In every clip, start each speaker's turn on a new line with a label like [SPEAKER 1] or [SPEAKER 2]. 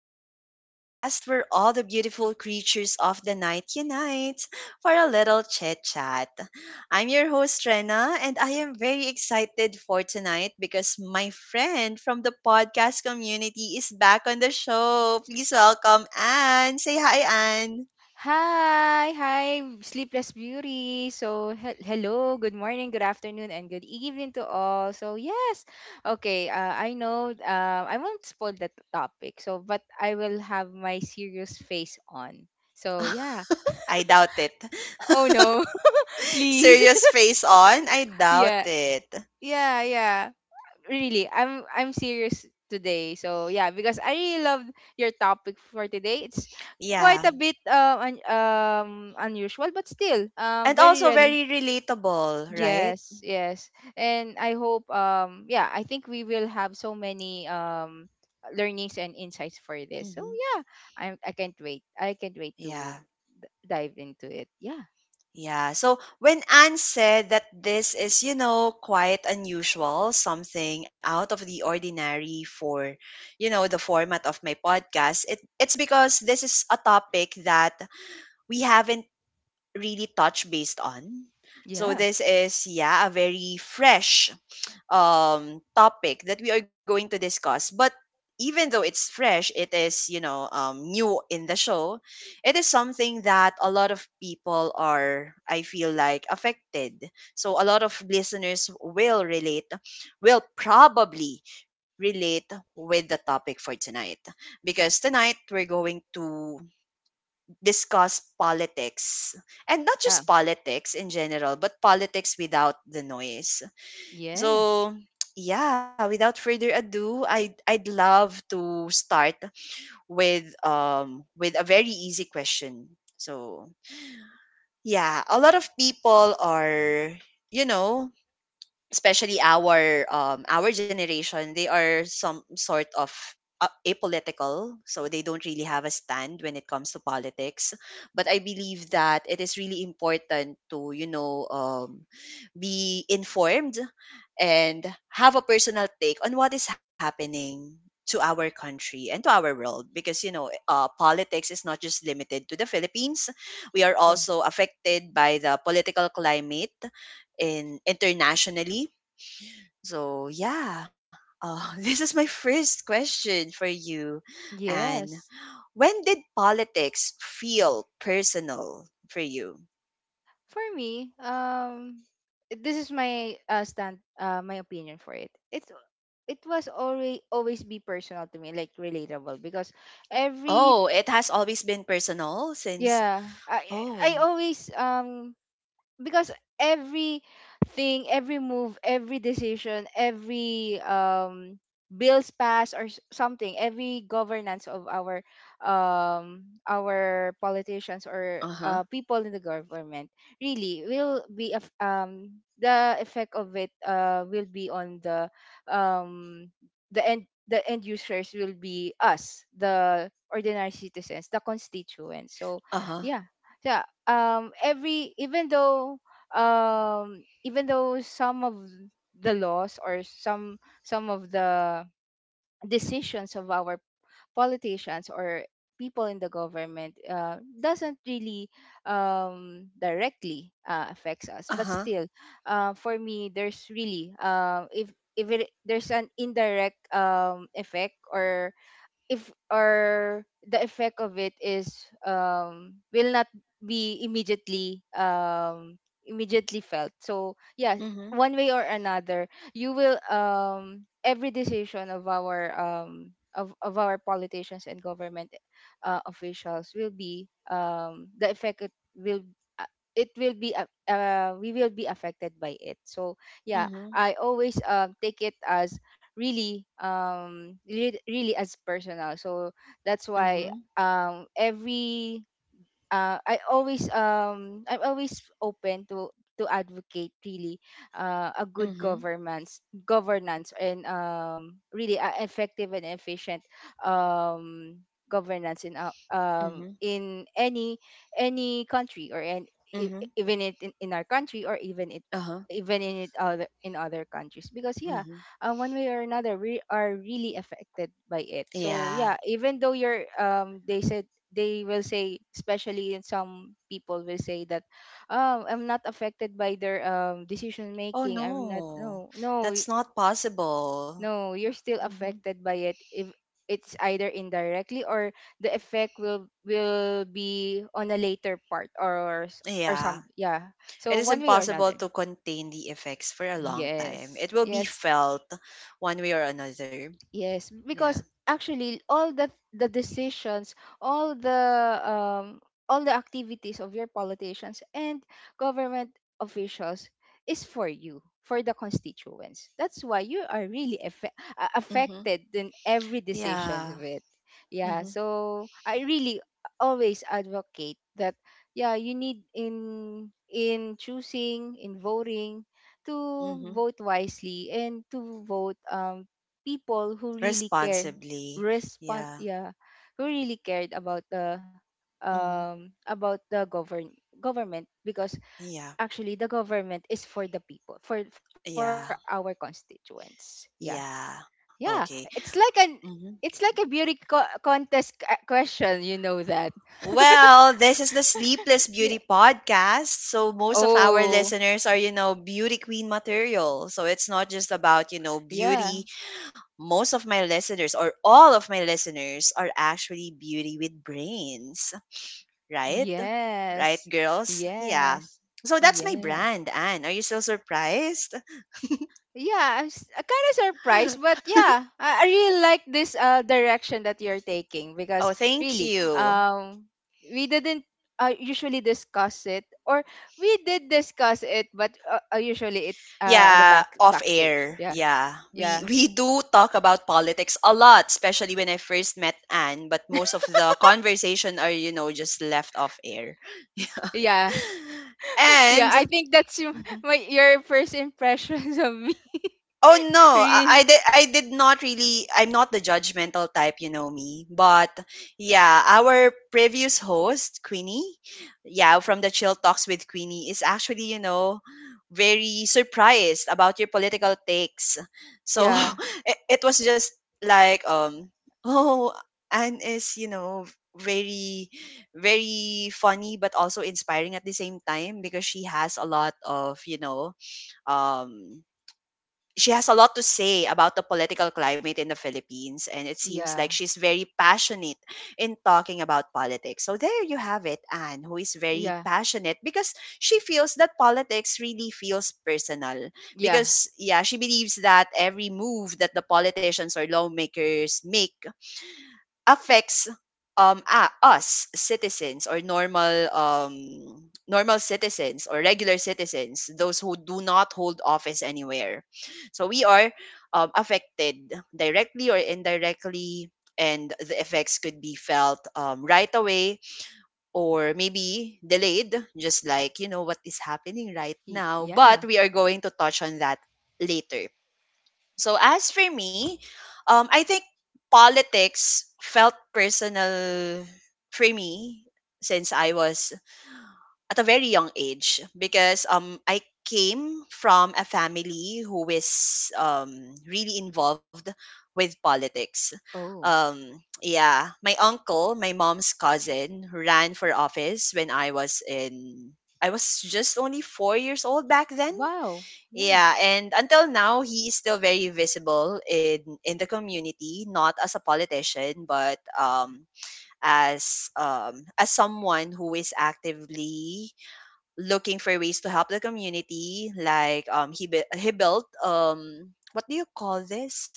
[SPEAKER 1] Beauty Podcast, where all the beautiful creatures of the night unite for a little chit chat. I'm your host, Rena, and I am very excited for tonight because my friend from the podcast community is back on the show. Please welcome Anne. Say hi, Anne.
[SPEAKER 2] Hi, Sleepless Beauty. So, hello, good morning, good afternoon, and good evening to all. So, yes, okay, I know I won't spoil the topic, so, but I will have my serious face on. So, yeah.
[SPEAKER 1] I doubt it.
[SPEAKER 2] Oh, no, please.
[SPEAKER 1] Serious face on? I doubt
[SPEAKER 2] Yeah,
[SPEAKER 1] it.
[SPEAKER 2] yeah, yeah. Really, I'm serious today. So, yeah, because I really love your topic for today. It's quite
[SPEAKER 1] Yeah.
[SPEAKER 2] a bit unusual but still
[SPEAKER 1] And
[SPEAKER 2] very
[SPEAKER 1] also
[SPEAKER 2] relevant.
[SPEAKER 1] very relatable, right?
[SPEAKER 2] Yes, yes. And I hope yeah, I think we will have so many learnings and insights for this. So
[SPEAKER 1] Hmm.
[SPEAKER 2] yeah, I can't wait. I can't wait to
[SPEAKER 1] Yeah.
[SPEAKER 2] dive into it. Yeah.
[SPEAKER 1] Yeah. So when Anne said that this is, quite unusual, something out of the ordinary for, the format of my podcast, it's because this is a topic that we haven't really touched based on. So
[SPEAKER 2] Yeah.
[SPEAKER 1] this is, yeah, a very fresh topic that we are going to discuss. But even though it's fresh, it is, new in the show. It is something that a lot of people are, I feel like, affected. So a lot of listeners will relate, will probably relate with the topic for tonight. Because tonight we're going to discuss politics, and not
[SPEAKER 2] Yeah.
[SPEAKER 1] just politics in general, but politics without the noise.
[SPEAKER 2] Yes.
[SPEAKER 1] So, yeah, without further ado, I'd love to start with a very easy question. So, yeah, a lot of people are, you know, especially our generation, they are some sort of apolitical, so they don't really have a stand when it comes to politics. But I believe that it is really important to, be informed and have a personal take on what is happening to our country and to our world, because, politics is not just limited to the Philippines. We are
[SPEAKER 2] Yeah.
[SPEAKER 1] also affected by the political climate in internationally. So yeah, this is my first question for you. And
[SPEAKER 2] Yes.
[SPEAKER 1] when did politics feel personal for you?
[SPEAKER 2] For me, this is my stand, my opinion for it. It was always always be personal to me, like relatable because every
[SPEAKER 1] Oh, it has always been personal since.
[SPEAKER 2] yeah, I
[SPEAKER 1] Oh,
[SPEAKER 2] always because everything, every move, every decision, every bills passed or something, every governance of our politicians or
[SPEAKER 1] uh huh,
[SPEAKER 2] people in the government really will be the effect of it will be on um the end users will be us, the ordinary citizens, the constituents. So
[SPEAKER 1] uh huh,
[SPEAKER 2] yeah, yeah, every even though some of the laws or some of the decisions of our politicians or people in the government doesn't really directly affects us
[SPEAKER 1] uh
[SPEAKER 2] but
[SPEAKER 1] huh.
[SPEAKER 2] still for me there's really, if it, there's an indirect effect, or if, or the effect of it is will not be immediately immediately felt. So yeah,
[SPEAKER 1] Mhm,
[SPEAKER 2] one way or another, you will every decision of our of our politicians and government officials will be the effect, uh, it will be we will be affected by it. So yeah,
[SPEAKER 1] mhm,
[SPEAKER 2] I always take it as really, really, as personal. So that's why
[SPEAKER 1] mhm,
[SPEAKER 2] every I always, I'm always open to advocate really a good
[SPEAKER 1] mhm,
[SPEAKER 2] governance governance and really effective and efficient um governance
[SPEAKER 1] mhm,
[SPEAKER 2] in any country or in, e-
[SPEAKER 1] mhm,
[SPEAKER 2] even it in our country or even it
[SPEAKER 1] uh huh,
[SPEAKER 2] even in it other in other countries because yeah,
[SPEAKER 1] mhm.
[SPEAKER 2] one way or another, we are really affected by it. So
[SPEAKER 1] Yeah.
[SPEAKER 2] yeah, even though you're they said they will say, especially in some people will say that oh, I'm not affected by their decision
[SPEAKER 1] Oh
[SPEAKER 2] making, I'm not,
[SPEAKER 1] no,
[SPEAKER 2] no, no,
[SPEAKER 1] that's not possible.
[SPEAKER 2] no, you're still
[SPEAKER 1] Hmm.
[SPEAKER 2] affected by it if it's either indirectly or the effect will be on a later part or, or some
[SPEAKER 1] Yeah.
[SPEAKER 2] yeah. So
[SPEAKER 1] It is
[SPEAKER 2] one way or
[SPEAKER 1] impossible
[SPEAKER 2] another,
[SPEAKER 1] to contain the effects for a long time.
[SPEAKER 2] yes,
[SPEAKER 1] It will be
[SPEAKER 2] yes.
[SPEAKER 1] felt one way or another.
[SPEAKER 2] Yes,
[SPEAKER 1] Yeah.
[SPEAKER 2] because actually all the decisions, all the all the activities of your politicians and government officials is for you, for the constituents. That's why you are really
[SPEAKER 1] Mm-hmm.
[SPEAKER 2] affected in every decision
[SPEAKER 1] Yeah.
[SPEAKER 2] of it. Yeah,
[SPEAKER 1] Mm-hmm.
[SPEAKER 2] so I really always advocate that yeah, you need in choosing, in voting to
[SPEAKER 1] Mm-hmm.
[SPEAKER 2] vote wisely and to vote people who really care
[SPEAKER 1] Responsibly.
[SPEAKER 2] respond
[SPEAKER 1] Yeah.
[SPEAKER 2] yeah who really cared
[SPEAKER 1] Mm-hmm.
[SPEAKER 2] about the government because
[SPEAKER 1] Yeah.
[SPEAKER 2] actually the government is for the people, for our
[SPEAKER 1] Yeah.
[SPEAKER 2] constituents. Yeah,
[SPEAKER 1] Yeah.
[SPEAKER 2] yeah, it's
[SPEAKER 1] Okay.
[SPEAKER 2] like an it's
[SPEAKER 1] Mm-hmm.
[SPEAKER 2] like a beauty contest question, you know that.
[SPEAKER 1] Well, this is the
[SPEAKER 2] Yeah.
[SPEAKER 1] Sleepless Beauty Podcast. So most of
[SPEAKER 2] Oh,
[SPEAKER 1] our listeners are, beauty queen material. So it's not just about,
[SPEAKER 2] yeah,
[SPEAKER 1] beauty. Most of my listeners, or all of my listeners, are actually beauty with brains, right? Right,
[SPEAKER 2] yes,
[SPEAKER 1] girls? Yeah.
[SPEAKER 2] yes,
[SPEAKER 1] So that's my
[SPEAKER 2] yes,
[SPEAKER 1] brand, Anne. Are you still surprised?
[SPEAKER 2] yeah, I'm kind of surprised, but yeah, I really like this direction that you're taking because
[SPEAKER 1] Oh, thank
[SPEAKER 2] really,
[SPEAKER 1] you.
[SPEAKER 2] we didn't usually discuss it, or we did discuss it, but usually it on the
[SPEAKER 1] Yeah,
[SPEAKER 2] back
[SPEAKER 1] off
[SPEAKER 2] backstage.
[SPEAKER 1] air.
[SPEAKER 2] Yeah,
[SPEAKER 1] Yeah.
[SPEAKER 2] yeah,
[SPEAKER 1] We we do talk about politics a lot, especially when I first met Anne, but most of the conversation are, just left off air.
[SPEAKER 2] yeah, yeah.
[SPEAKER 1] and
[SPEAKER 2] I think that's your-
[SPEAKER 1] mm-hmm.
[SPEAKER 2] my your first impressions of me.
[SPEAKER 1] Oh no,
[SPEAKER 2] Really?
[SPEAKER 1] I did not really, I'm not the judgmental type, you know me. But yeah, our previous host, Queenie, yeah, from the Chill Talks with Queenie, is actually, very surprised about your political takes. So
[SPEAKER 2] Yeah,
[SPEAKER 1] it was just like oh, Anne is, very very funny but also inspiring at the same time, because she has a lot of, um she has a lot to say about the political climate in the Philippines, and it seems like
[SPEAKER 2] yeah,
[SPEAKER 1] she's very passionate in talking about politics. So there you have it, Anne, who is very
[SPEAKER 2] yeah,
[SPEAKER 1] passionate because she feels that politics really feels personal.
[SPEAKER 2] yeah,
[SPEAKER 1] Because yeah, she believes that every move that the politicians or lawmakers make affects us citizens, or normal citizens, or regular citizens, those who do not hold office anywhere. So we are affected directly or indirectly, and the effects could be felt right away or maybe delayed, just like you know what is happening right now. But
[SPEAKER 2] yeah.
[SPEAKER 1] we are going to touch on that later. So as for me, I think politics felt personal for me since I was at a very young age, because I came from a family who is really involved with politics.
[SPEAKER 2] Oh,
[SPEAKER 1] Yeah, my uncle, my mom's cousin, ran for office when I was just only 4 years old back then.
[SPEAKER 2] wow. Yeah.
[SPEAKER 1] Yeah, and until now, he is still very visible in the community, not as a politician, but as as someone who is actively looking for ways to help the community. Like, he built, what do you call this?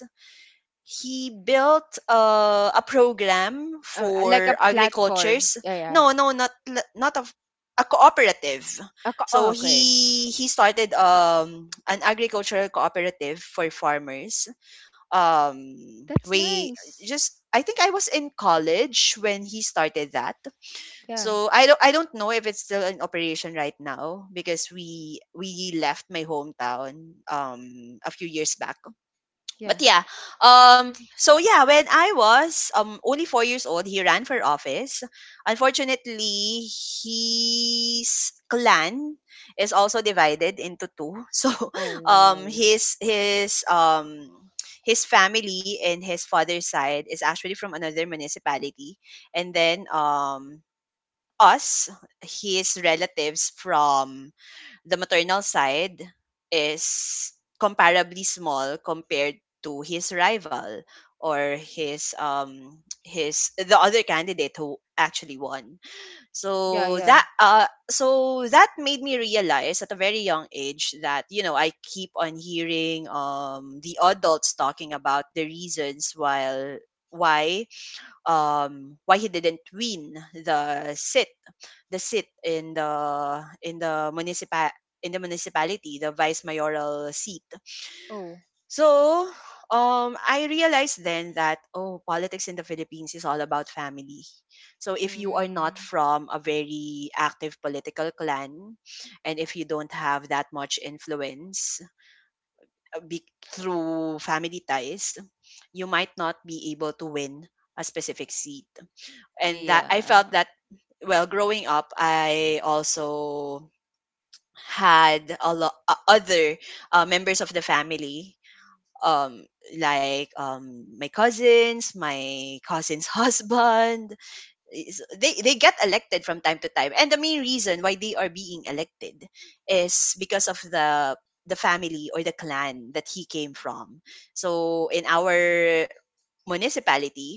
[SPEAKER 1] He built a program
[SPEAKER 2] like a
[SPEAKER 1] for
[SPEAKER 2] platform.
[SPEAKER 1] agricultures.
[SPEAKER 2] Yeah, yeah.
[SPEAKER 1] No, no, not of, a cooperative.
[SPEAKER 2] A oh,
[SPEAKER 1] So
[SPEAKER 2] okay.
[SPEAKER 1] he started an agricultural cooperative for farmers.
[SPEAKER 2] That's
[SPEAKER 1] We
[SPEAKER 2] nice.
[SPEAKER 1] just I think I was in college when he started that.
[SPEAKER 2] Yeah,
[SPEAKER 1] So I don't know if it's still in operation right now, because we left my hometown a few years back.
[SPEAKER 2] yeah.
[SPEAKER 1] But yeah, um so yeah, when I was only 4 years old, he ran for office. Unfortunately, his clan is also divided into two, so um
[SPEAKER 2] Oh,
[SPEAKER 1] his his um his family and his father's side is actually from another municipality, and then us, his relatives from the maternal side, is comparably small compared to his rival, or his the other candidate, who actually won.
[SPEAKER 2] yeah,
[SPEAKER 1] so
[SPEAKER 2] yeah.
[SPEAKER 1] that uh so that made me realize at a very young age that, I keep on hearing the adults talking about the reasons, while why why he didn't win the sit the seat in the municipal in the municipality, the vice mayoral seat.
[SPEAKER 2] Oh,
[SPEAKER 1] So, I realized then that, oh, politics in the Philippines is all about family. So if you are not
[SPEAKER 2] mm,
[SPEAKER 1] from a very active political clan, and if you don't have that much influence uh, be- through family ties, you might not be able to win a specific seat. And that I
[SPEAKER 2] yeah,
[SPEAKER 1] felt that, well, growing up, I also had a lot other members of the family, um like, my cousin's husband they get elected from time to time, and the main reason why they are being elected is because of the family or the clan that he came from. So in our municipality,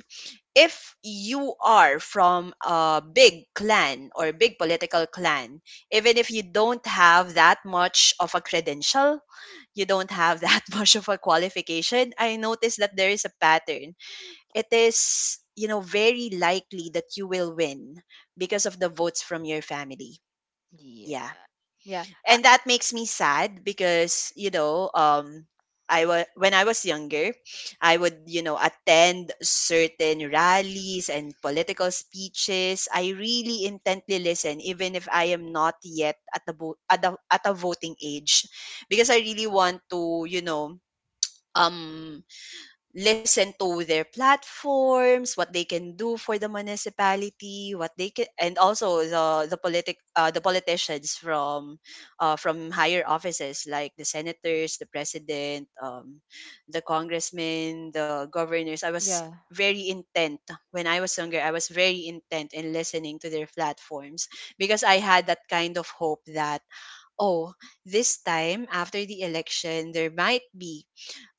[SPEAKER 1] if you are from a big clan or big political clan, even if you don't have that much of a credential, you don't have that much of a qualification, I noticed that there is a pattern. It is, very likely that you will win because of the votes from your family. Yeah,
[SPEAKER 2] yeah, yeah. Ah,
[SPEAKER 1] and that makes me sad, because I was when I was younger, I would attend certain rallies and political speeches. I really intently listen, even if I am not yet at the vo- at, the, at a voting age, because I really want to, um listen to their platforms, what they can do for the municipality, what they can, and also the politicians from higher offices, like the senators, the president, the congressmen, the governors. I was
[SPEAKER 2] yeah,
[SPEAKER 1] very intent when I was younger. I was very intent in listening to their platforms, because I had that kind of hope that, oh, this time after the election there might be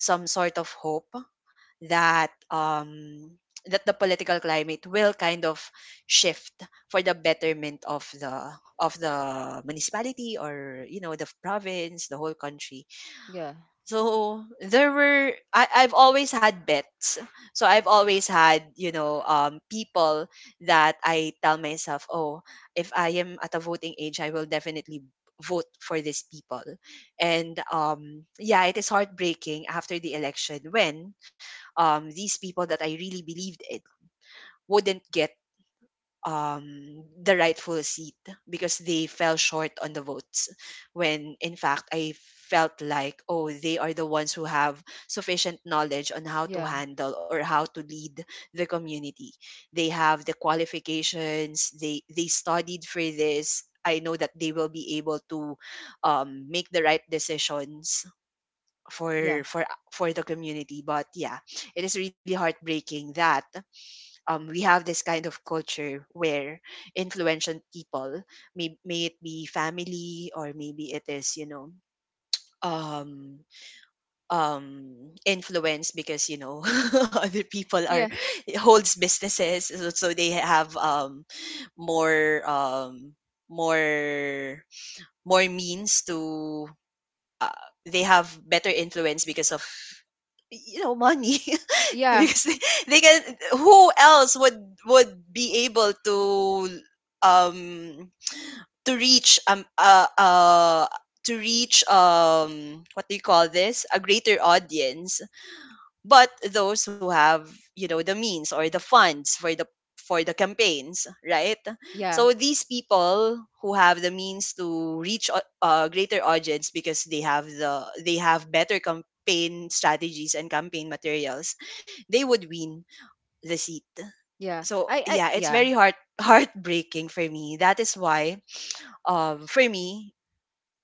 [SPEAKER 1] some sort of hope that um that the political climate will kind of shift for the betterment of the municipality, or the province, the whole country.
[SPEAKER 2] yeah,
[SPEAKER 1] So I've always had bets. So I've always had, people that I tell myself, oh, if I am at a voting age, I will definitely vote for these people. And yeah, it is heartbreaking after the election when these people that I really believed in wouldn't get, the rightful seat, because they fell short on the votes. When in fact, I felt like, oh, they are the ones who have sufficient knowledge on how to
[SPEAKER 2] yeah,
[SPEAKER 1] handle or how to lead the community. They have the qualifications, they studied for this. I know that they will be able to make the right decisions
[SPEAKER 2] yeah,
[SPEAKER 1] for for for the community. But yeah, it is really heartbreaking that we have this kind of culture where influential people, may it be family or maybe it is. um Influence because other people are
[SPEAKER 2] yeah,
[SPEAKER 1] it holds businesses, so they have more more more means to uh, they have better influence because of money.
[SPEAKER 2] yeah,
[SPEAKER 1] Because they can who else would be able um to reach to reach, what do you call this, a greater audience, but those who have, the means or the funds for the campaigns, right?
[SPEAKER 2] yeah,
[SPEAKER 1] So these people who have the means to reach a greater audience because they have the they have better campaign strategies and campaign materials, they would win the seat.
[SPEAKER 2] yeah.
[SPEAKER 1] So yeah, it's
[SPEAKER 2] Yeah.
[SPEAKER 1] very heart heartbreaking for me. That is why for me,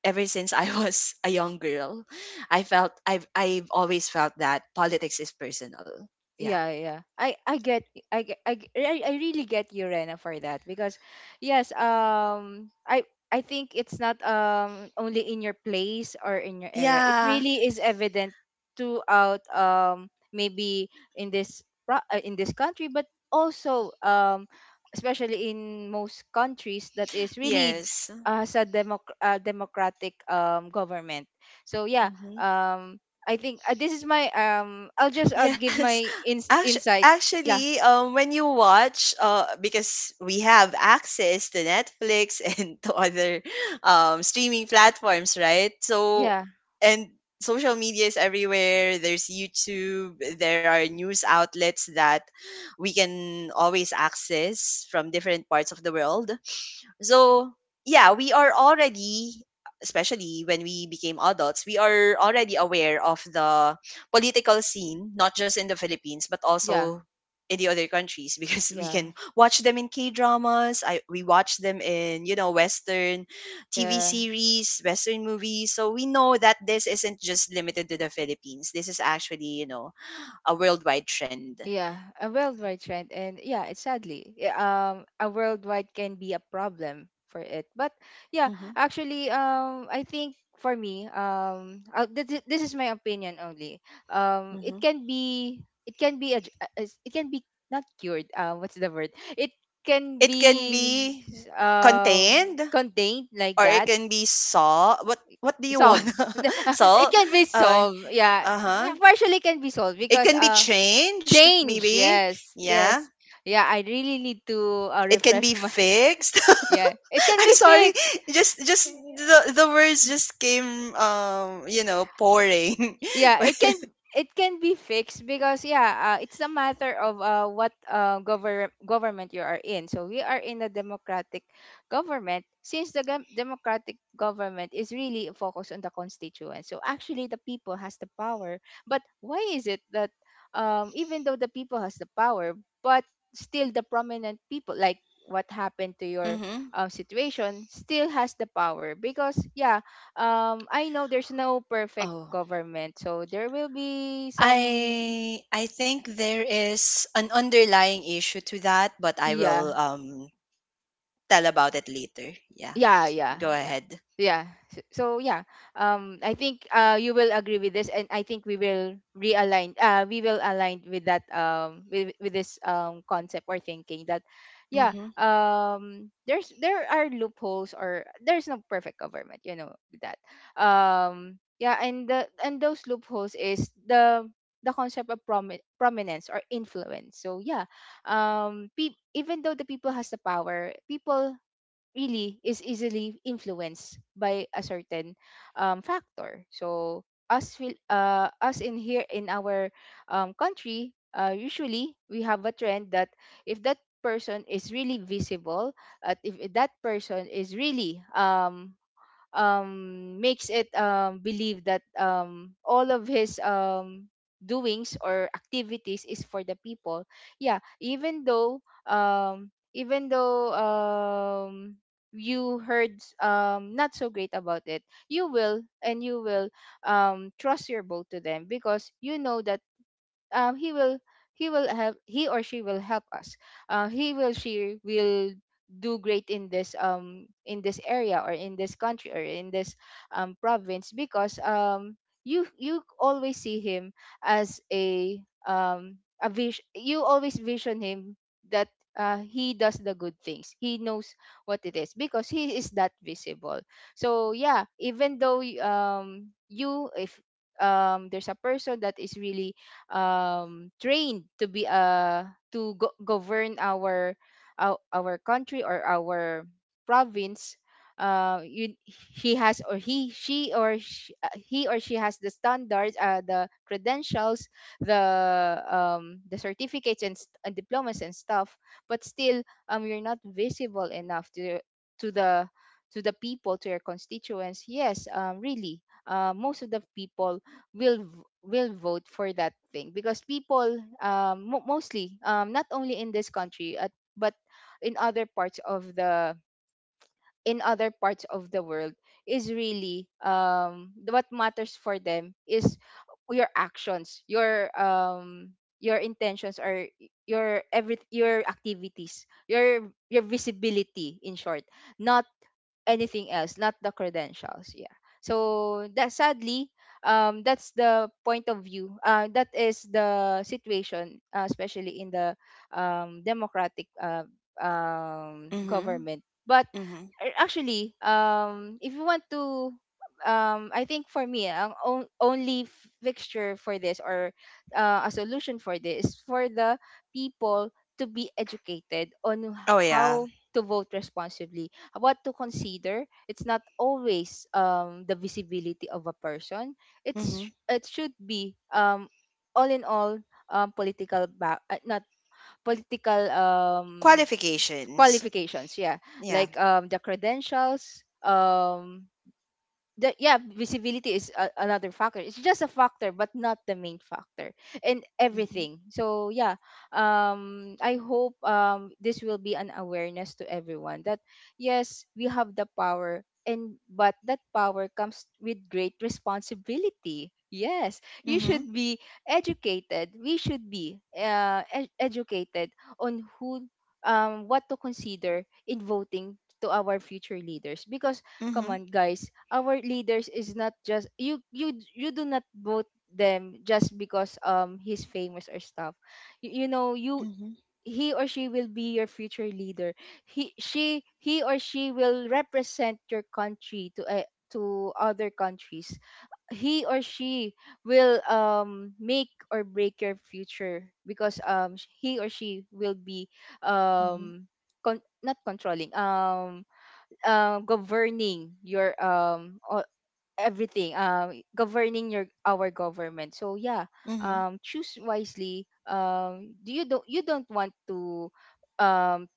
[SPEAKER 1] ever since I was a young girl, I felt I've always felt that politics is personal. Yeah.
[SPEAKER 2] Yeah, yeah. I get I get- I g- I really get you, Rena, for that because yes, I think it's not only in your place or in your area. It
[SPEAKER 1] Yeah.
[SPEAKER 2] really is evident throughout maybe in this in this country but also especially in most countries that is really
[SPEAKER 1] Yes.
[SPEAKER 2] has a democratic government. So yeah,
[SPEAKER 1] hmm
[SPEAKER 2] I think this is my I'll just give
[SPEAKER 1] Yes.
[SPEAKER 2] my insight. Yeah,
[SPEAKER 1] Actually, when you watch, because we have access to Netflix and to other streaming platforms, right? So,
[SPEAKER 2] yeah,
[SPEAKER 1] and social media is everywhere. There's YouTube. There are news outlets that we can always access from different parts of the world. So, yeah, we are already, especially when we became adults, we are already aware of the political scene, not just in the Philippines, but
[SPEAKER 2] yeah,
[SPEAKER 1] also in the other countries because we
[SPEAKER 2] yeah,
[SPEAKER 1] can watch them in K dramas. I We watch them in, Western TV
[SPEAKER 2] yeah,
[SPEAKER 1] series, Western movies. So we know that this isn't just limited to the Philippines. This is actually, a worldwide trend.
[SPEAKER 2] yeah. A worldwide trend, and yeah, it's sadly, yeah, a worldwide can be a problem for it. But yeah,
[SPEAKER 1] Hmm.
[SPEAKER 2] actually, I think for me, this is my opinion only. It
[SPEAKER 1] Hmm.
[SPEAKER 2] can be, it can be, it can be not cured. What's the word? It can
[SPEAKER 1] It can
[SPEAKER 2] be
[SPEAKER 1] be
[SPEAKER 2] um
[SPEAKER 1] contained,
[SPEAKER 2] contained, like
[SPEAKER 1] or it
[SPEAKER 2] that.
[SPEAKER 1] can be salt. What do you want?
[SPEAKER 2] Solve. Hindi, ah, it
[SPEAKER 1] Salt.
[SPEAKER 2] can be
[SPEAKER 1] Uh,
[SPEAKER 2] solved. Yeah.
[SPEAKER 1] uh
[SPEAKER 2] Well,
[SPEAKER 1] huh.
[SPEAKER 2] partially can be solved
[SPEAKER 1] It
[SPEAKER 2] because
[SPEAKER 1] can be changed,
[SPEAKER 2] change,
[SPEAKER 1] maybe.
[SPEAKER 2] yes.
[SPEAKER 1] Yeah.
[SPEAKER 2] Yes. Yeah, I really need to
[SPEAKER 1] It can
[SPEAKER 2] refresh
[SPEAKER 1] be
[SPEAKER 2] my
[SPEAKER 1] fixed.
[SPEAKER 2] yeah. It can
[SPEAKER 1] I'm
[SPEAKER 2] be
[SPEAKER 1] sorry.
[SPEAKER 2] fixed.
[SPEAKER 1] Just the words just came pouring.
[SPEAKER 2] Yeah, it can be fixed because yeah, it's a matter of what government you are in. So we are in a democratic government. Since the democratic government is really focused on the constituents, so actually the people has the power, but why is it that even though the people has the power, but still the prominent people like what happened to your
[SPEAKER 1] Mm-hmm.
[SPEAKER 2] situation still has the power, because yeah, I know there's no perfect
[SPEAKER 1] Oh.
[SPEAKER 2] government, so there will be some
[SPEAKER 1] I I think there is an underlying issue to that, but I
[SPEAKER 2] yeah,
[SPEAKER 1] will tell about it later. Yeah.
[SPEAKER 2] yeah yeah
[SPEAKER 1] Go
[SPEAKER 2] yeah
[SPEAKER 1] ahead.
[SPEAKER 2] yeah. So, so yeah, I think you will agree with this, and I think we will realign, we will align with that with this concept or thinking that yeah,
[SPEAKER 1] Mm-hmm.
[SPEAKER 2] there's there are loopholes, or there's no perfect government, you know that yeah. And the and those loopholes is the concept of prominence or influence. So yeah, even though the people has the power, people really is easily influenced by a certain factor. So us us in here in our country, usually we have a trend that if that person is really visible, at if that person is really makes it believe that all of his doings or activities is for the people. Yeah, even though you heard not so great about it, you will and you will trust your boat to them because you know that um he will he will help, he or she will help us, he will she will do great in this area, or in this country, or in this province, because you you always see him as a vision, you always vision him that he does the good things, he knows what it is because he is that visible. So yeah, even though you if there's a person that is really trained to be to govern our country or our province, you, he has or he she or she, he or she has the standards, the credentials, the the certificates and, and diplomas and stuff, but still you're not visible enough to the to the people, to your constituents. Yes, really most of the people will will vote for that thing because people mo mostly, not only in this country at, but in other parts of the in other parts of the world is really, what matters for them is your actions, your intentions or your every your activities, your visibility, in short, not anything else, not the credentials. Yeah. So that sadly, that's the point of view. That is the situation, especially in the democratic,
[SPEAKER 1] Mm-hmm.
[SPEAKER 2] government. But
[SPEAKER 1] Mm-hmm.
[SPEAKER 2] actually, if you want to, I think for me, ang on- only f- fixture for this or a solution for this is for the people to be educated on
[SPEAKER 1] Oh yeah.
[SPEAKER 2] how to vote responsibly, what to consider. It's not always the visibility of a person. it's
[SPEAKER 1] Mm-hmm.
[SPEAKER 2] it should be, all in all, political back not political
[SPEAKER 1] Qualifications.
[SPEAKER 2] qualifications, yeah,
[SPEAKER 1] Yeah.
[SPEAKER 2] like the credentials, that. Yeah, visibility is a, another factor. It's just a factor but not the main factor in
[SPEAKER 1] Mhm.
[SPEAKER 2] everything, so yeah. I hope this will be an awareness to everyone that yes, we have the power, and but that power comes with great responsibility. Yes, you
[SPEAKER 1] Mhm.
[SPEAKER 2] should be educated. We should be educated on who, what to consider in voting to our future leaders, because come
[SPEAKER 1] Mhm.
[SPEAKER 2] on guys, our leaders is not just you do not vote them just because he's famous or stuff. You know, you
[SPEAKER 1] Mhm.
[SPEAKER 2] he or she will be your future leader. He or she will represent your country to other countries. He or she will make or break your future, because he or she will be,
[SPEAKER 1] Mhm.
[SPEAKER 2] um not controlling, governing your everything. Governing your our government, so yeah.
[SPEAKER 1] Mhm.
[SPEAKER 2] Choose wisely. Do you don't want um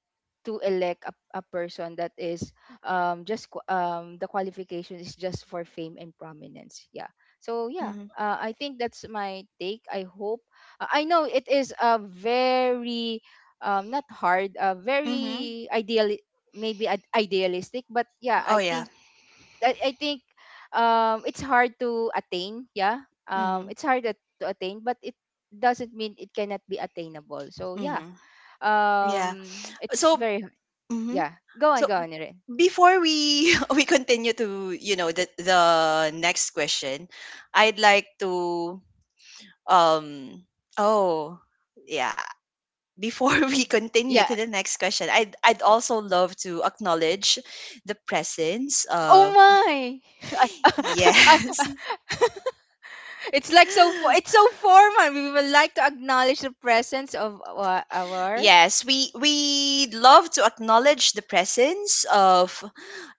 [SPEAKER 2] to elect a person that is, the qualification is just for fame and prominence, yeah. So yeah,
[SPEAKER 1] Mhm.
[SPEAKER 2] I think that's my take. I hope, I know it is a very not hard a
[SPEAKER 1] Mhm.
[SPEAKER 2] very ideal, maybe idealistic, but yeah,
[SPEAKER 1] Oh yeah.
[SPEAKER 2] I think it's hard to attain. Yeah.
[SPEAKER 1] Mhm.
[SPEAKER 2] It's hard to attain, but it doesn't mean it cannot be attainable. So yeah.
[SPEAKER 1] Mhm. Yeah.
[SPEAKER 2] It's
[SPEAKER 1] So.
[SPEAKER 2] very hard.
[SPEAKER 1] Mhm.
[SPEAKER 2] Yeah. Go on,
[SPEAKER 1] So
[SPEAKER 2] go on, Erin.
[SPEAKER 1] before we we continue to the next question, I'd like to um oh, yeah, before we continue
[SPEAKER 2] Yeah.
[SPEAKER 1] to the next question, I'd also love to acknowledge the presence
[SPEAKER 2] Oh
[SPEAKER 1] of
[SPEAKER 2] my. I-
[SPEAKER 1] yes
[SPEAKER 2] I- it's so formal. We would like to acknowledge the presence of our
[SPEAKER 1] Yes, we love to acknowledge the presence of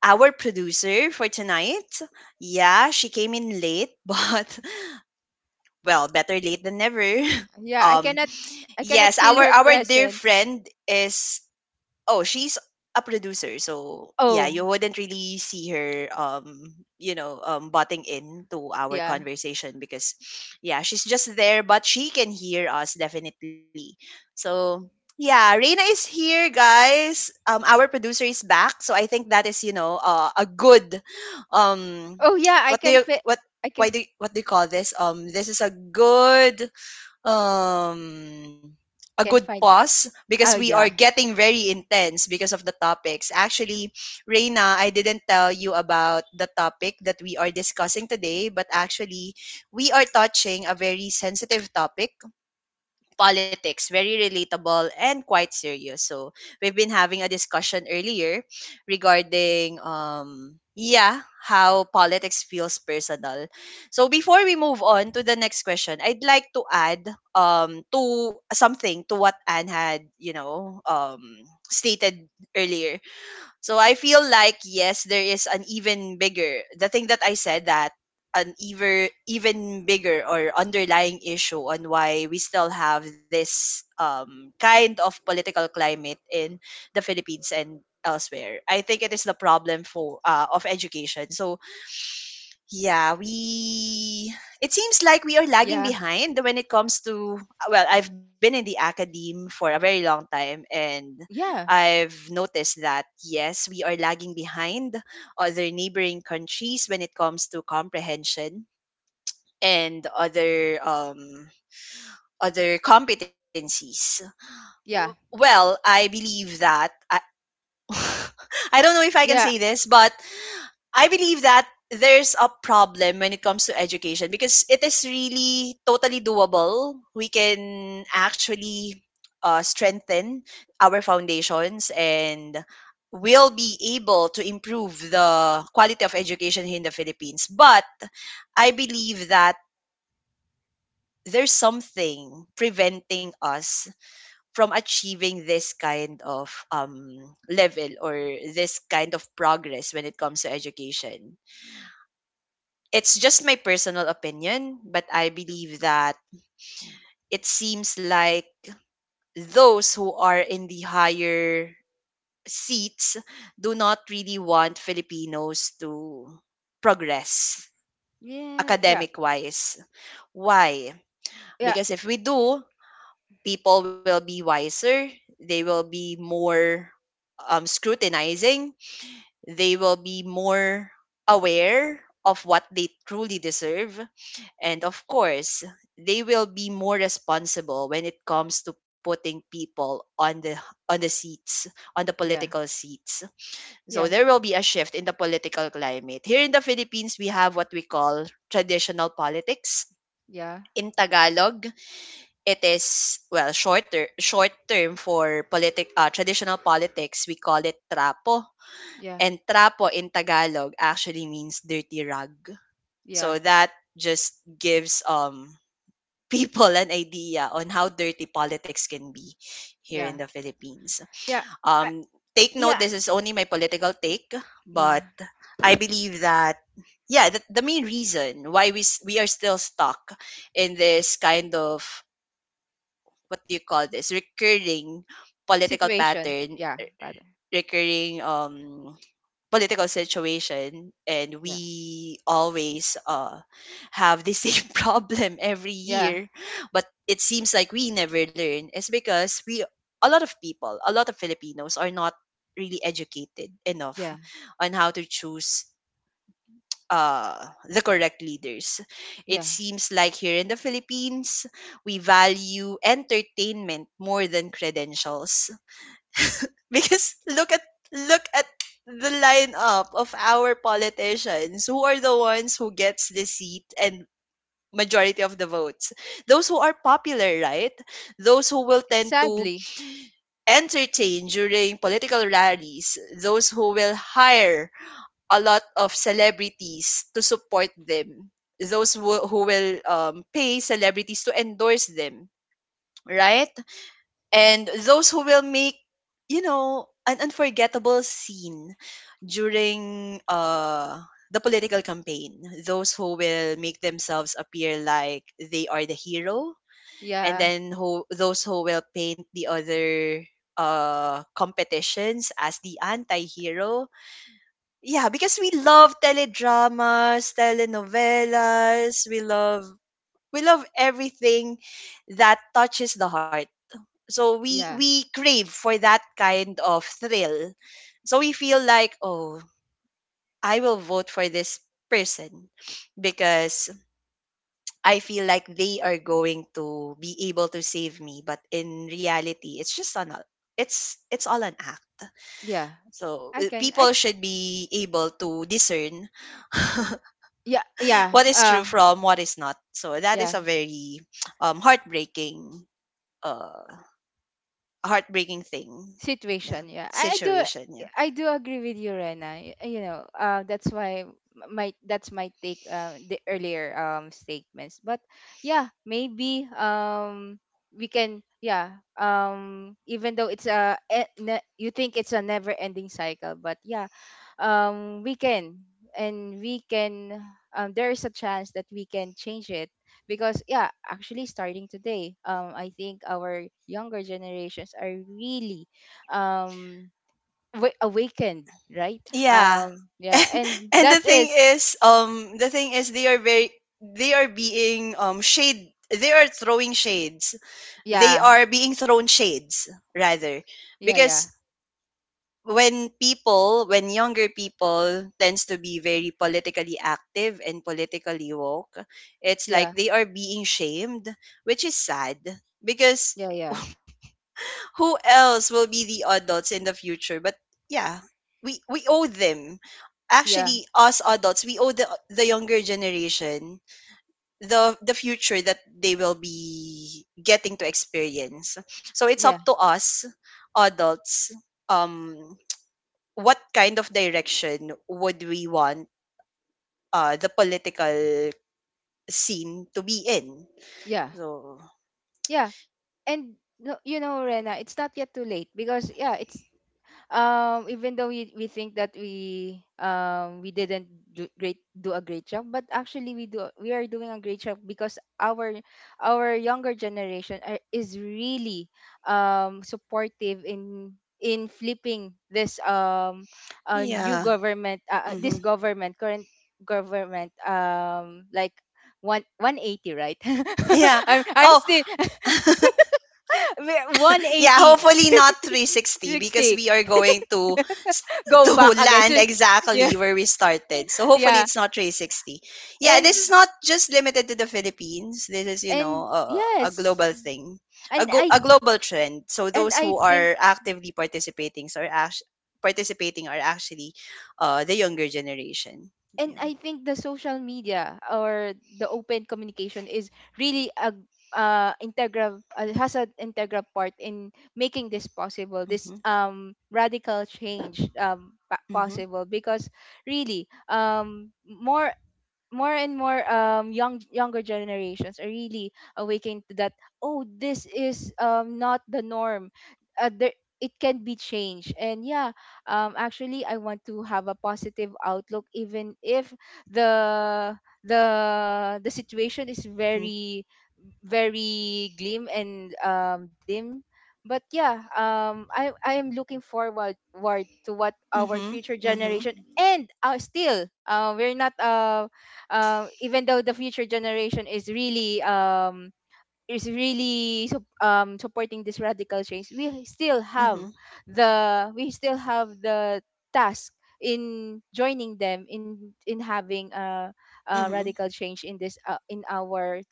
[SPEAKER 1] our producer for tonight. Yeah, she came in late, but well, better late than never.
[SPEAKER 2] yeah,
[SPEAKER 1] Um
[SPEAKER 2] I cannot
[SPEAKER 1] yes,
[SPEAKER 2] feel
[SPEAKER 1] our
[SPEAKER 2] her
[SPEAKER 1] our dear
[SPEAKER 2] presence.
[SPEAKER 1] friend is Oh, she's a producer, so yeah, you
[SPEAKER 2] Oh,
[SPEAKER 1] wouldn't really see her, butting in to our
[SPEAKER 2] yeah.
[SPEAKER 1] conversation because, yeah, she's just there, but she can hear us definitely. So yeah, Reina is here, guys. Our producer is back, so I think that is, a good, um,
[SPEAKER 2] Oh yeah, I
[SPEAKER 1] what
[SPEAKER 2] can
[SPEAKER 1] do you
[SPEAKER 2] feel
[SPEAKER 1] what
[SPEAKER 2] I
[SPEAKER 1] why do what do you call this? This is um a
[SPEAKER 2] can
[SPEAKER 1] good
[SPEAKER 2] find.
[SPEAKER 1] pause because
[SPEAKER 2] Oh
[SPEAKER 1] we
[SPEAKER 2] yeah.
[SPEAKER 1] are getting very intense because of the topics. Actually, Reina, I didn't tell you about the topic that we are discussing today, but actually, we are touching a very sensitive topic, politics, very relatable and quite serious. So we've been having a discussion earlier regarding yeah, how politics feels personal. So before we move on to the next question, I'd like to add to something to what Anne had, stated earlier. So I feel like yes, there is an even bigger the thing that I said that an even bigger or underlying issue on why we still have this kind of political climate in the Philippines and elsewhere. I think it is the problem for of education. So yeah, we it seems like we are lagging
[SPEAKER 2] Yeah,
[SPEAKER 1] behind when it comes to well, I've been in the academe for a very long time, and
[SPEAKER 2] yeah,
[SPEAKER 1] I've noticed that yes, we are lagging behind other neighboring countries when it comes to comprehension and other other competencies.
[SPEAKER 2] yeah,
[SPEAKER 1] Well, I believe that I, I don't know if I can
[SPEAKER 2] yeah,
[SPEAKER 1] say this, but I believe that there's a problem when it comes to education because it is really totally doable. We can actually strengthen our foundations and will be able to improve the quality of education here in the Philippines. But I believe that there's something preventing us from achieving this kind of level or this kind of progress when it comes to education. It's just my personal opinion, but I believe that it seems like those who are in the higher seats do not really want Filipinos to progress
[SPEAKER 2] yeah, yeah,
[SPEAKER 1] academic wise. Why?
[SPEAKER 2] yeah,
[SPEAKER 1] Because if we do, people will be wiser, they will be more scrutinizing, they will be more aware of what they truly deserve. And of course, they will be more responsible when it comes to putting people on the seats, on the
[SPEAKER 2] yeah,
[SPEAKER 1] political seats. So
[SPEAKER 2] yeah,
[SPEAKER 1] there will be a shift in the political climate. Here in the Philippines, we have what we call traditional politics.
[SPEAKER 2] yeah,
[SPEAKER 1] In Tagalog, it is short term for politic traditional politics. We call it trapo,
[SPEAKER 2] yeah,
[SPEAKER 1] and trapo in Tagalog actually means dirty rug.
[SPEAKER 2] yeah,
[SPEAKER 1] So that just gives people an idea on how dirty politics can be here in
[SPEAKER 2] yeah,
[SPEAKER 1] the Philippines.
[SPEAKER 2] yeah, I-
[SPEAKER 1] Um, take note,
[SPEAKER 2] yeah,
[SPEAKER 1] this is only my political take,
[SPEAKER 2] yeah.
[SPEAKER 1] but I believe that yeah, the main reason why we are still stuck in this kind of what do you call this recurring political
[SPEAKER 2] Situation,
[SPEAKER 1] pattern,
[SPEAKER 2] yeah, rather,
[SPEAKER 1] recurring political situation, and
[SPEAKER 2] yeah,
[SPEAKER 1] we always have the same problem every
[SPEAKER 2] yeah,
[SPEAKER 1] year, but it seems like we never learn, is because we a lot of people, a lot of Filipinos, are not really educated enough
[SPEAKER 2] yeah,
[SPEAKER 1] on how to choose the correct leaders. It
[SPEAKER 2] yeah.
[SPEAKER 1] seems like here in the Philippines, we value entertainment more than credentials. Because look at look at the lineup of our politicians, who are the ones who gets the seat and majority of the votes. Those who are popular, right? Those who will tend to
[SPEAKER 2] Sadly,
[SPEAKER 1] entertain during political rallies, those who will hire a lot of celebrities to support them, those who will pay celebrities to endorse them, right? And those who will make an unforgettable scene during the political campaign, those who will make themselves appear like they are the hero, and
[SPEAKER 2] yeah,
[SPEAKER 1] then who those who will paint the other competitions as the anti-hero. Yeah, because we love teledramas, telenovelas, we love everything that touches the heart. So we
[SPEAKER 2] yeah,
[SPEAKER 1] crave for that kind of thrill. So we feel like, oh, I will vote for this person because I feel like they are going to be able to save me, but in reality, it's all an act.
[SPEAKER 2] yeah.
[SPEAKER 1] So,
[SPEAKER 2] I can, I,
[SPEAKER 1] people
[SPEAKER 2] c-
[SPEAKER 1] should be able to discern
[SPEAKER 2] yeah, yeah,
[SPEAKER 1] what is true from what is not. So that is
[SPEAKER 2] yeah.
[SPEAKER 1] a very heartbreaking uh heartbreaking thing, yeah,
[SPEAKER 2] Situation. Yeah, I do.
[SPEAKER 1] situation, yeah.
[SPEAKER 2] I do agree with you, Rena. You know, that's why my that's my take. The earlier statements, but yeah, maybe we can, yeah. Even though it's a e- ne- you think it's a never ending cycle, but yeah, we can and we can, there is a chance that we can change it, because yeah, actually starting today, I think our younger generations are really um awakened, right?
[SPEAKER 1] Yeah.
[SPEAKER 2] Yeah,
[SPEAKER 1] And
[SPEAKER 2] and
[SPEAKER 1] and the
[SPEAKER 2] that
[SPEAKER 1] thing
[SPEAKER 2] is
[SPEAKER 1] is, the thing is, they are very they are throwing shades. They
[SPEAKER 2] yeah
[SPEAKER 1] are being thrown shades rather.
[SPEAKER 2] yeah
[SPEAKER 1] Because
[SPEAKER 2] yeah
[SPEAKER 1] when people, when younger people tends to be very politically active and politically woke, it's
[SPEAKER 2] yeah
[SPEAKER 1] like they are being shamed, which is sad because
[SPEAKER 2] yeah yeah
[SPEAKER 1] who else will be the adults in the future? But yeah, we owe them.
[SPEAKER 2] yeah
[SPEAKER 1] Actually, us adults, we owe the younger generation the future that they will be getting to experience. So it's
[SPEAKER 2] yeah
[SPEAKER 1] up to us adults um what kind of direction would we want the political scene to be in.
[SPEAKER 2] yeah
[SPEAKER 1] So
[SPEAKER 2] yeah, and no, you know Rena, it's not yet too late because yeah, it's even though we think that we didn't do a great job, but actually we do. We are doing a great job because our younger generation are, is really supportive in flipping this new
[SPEAKER 1] yeah.
[SPEAKER 2] government this
[SPEAKER 1] Hmm.
[SPEAKER 2] government current government, like one 180, right?
[SPEAKER 1] Yeah.
[SPEAKER 2] I'm
[SPEAKER 1] Oh,
[SPEAKER 2] still one
[SPEAKER 1] yeah,
[SPEAKER 2] eighty
[SPEAKER 1] hopefully not 360 because
[SPEAKER 2] sixty
[SPEAKER 1] we are going to s-
[SPEAKER 2] go
[SPEAKER 1] to
[SPEAKER 2] back again, so
[SPEAKER 1] land
[SPEAKER 2] yeah
[SPEAKER 1] exactly where we started. So hopefully
[SPEAKER 2] yeah
[SPEAKER 1] it's not 360. Yeah, this
[SPEAKER 2] and
[SPEAKER 1] is not just limited to the Philippines. This is, you know, a
[SPEAKER 2] yes
[SPEAKER 1] global thing.
[SPEAKER 2] and
[SPEAKER 1] A global trend. So those
[SPEAKER 2] I
[SPEAKER 1] who
[SPEAKER 2] think
[SPEAKER 1] are actively participating, participating, are actually the younger generation. Yeah.
[SPEAKER 2] the social media or the open communication is really a integral has an integral part in making this possible, this
[SPEAKER 1] Mhm.
[SPEAKER 2] radical change,
[SPEAKER 1] Mhm.
[SPEAKER 2] possible, because really more more and more young younger generations are really awakened to that. Oh, this is not the norm, uh, there, it can be changed, and yeah, actually I want to have a positive outlook even if the the situation is
[SPEAKER 1] Mhm.
[SPEAKER 2] very very glim and, dim. But yeah, I am looking forward ward to what our
[SPEAKER 1] Mhm.
[SPEAKER 2] future
[SPEAKER 1] Mhm.
[SPEAKER 2] generation and, still, we're not, even though the future generation is really, is really supporting this radical change, we still have
[SPEAKER 1] Mhm.
[SPEAKER 2] the we still have the task in joining them in having a
[SPEAKER 1] Mhm.
[SPEAKER 2] radical change in this, in our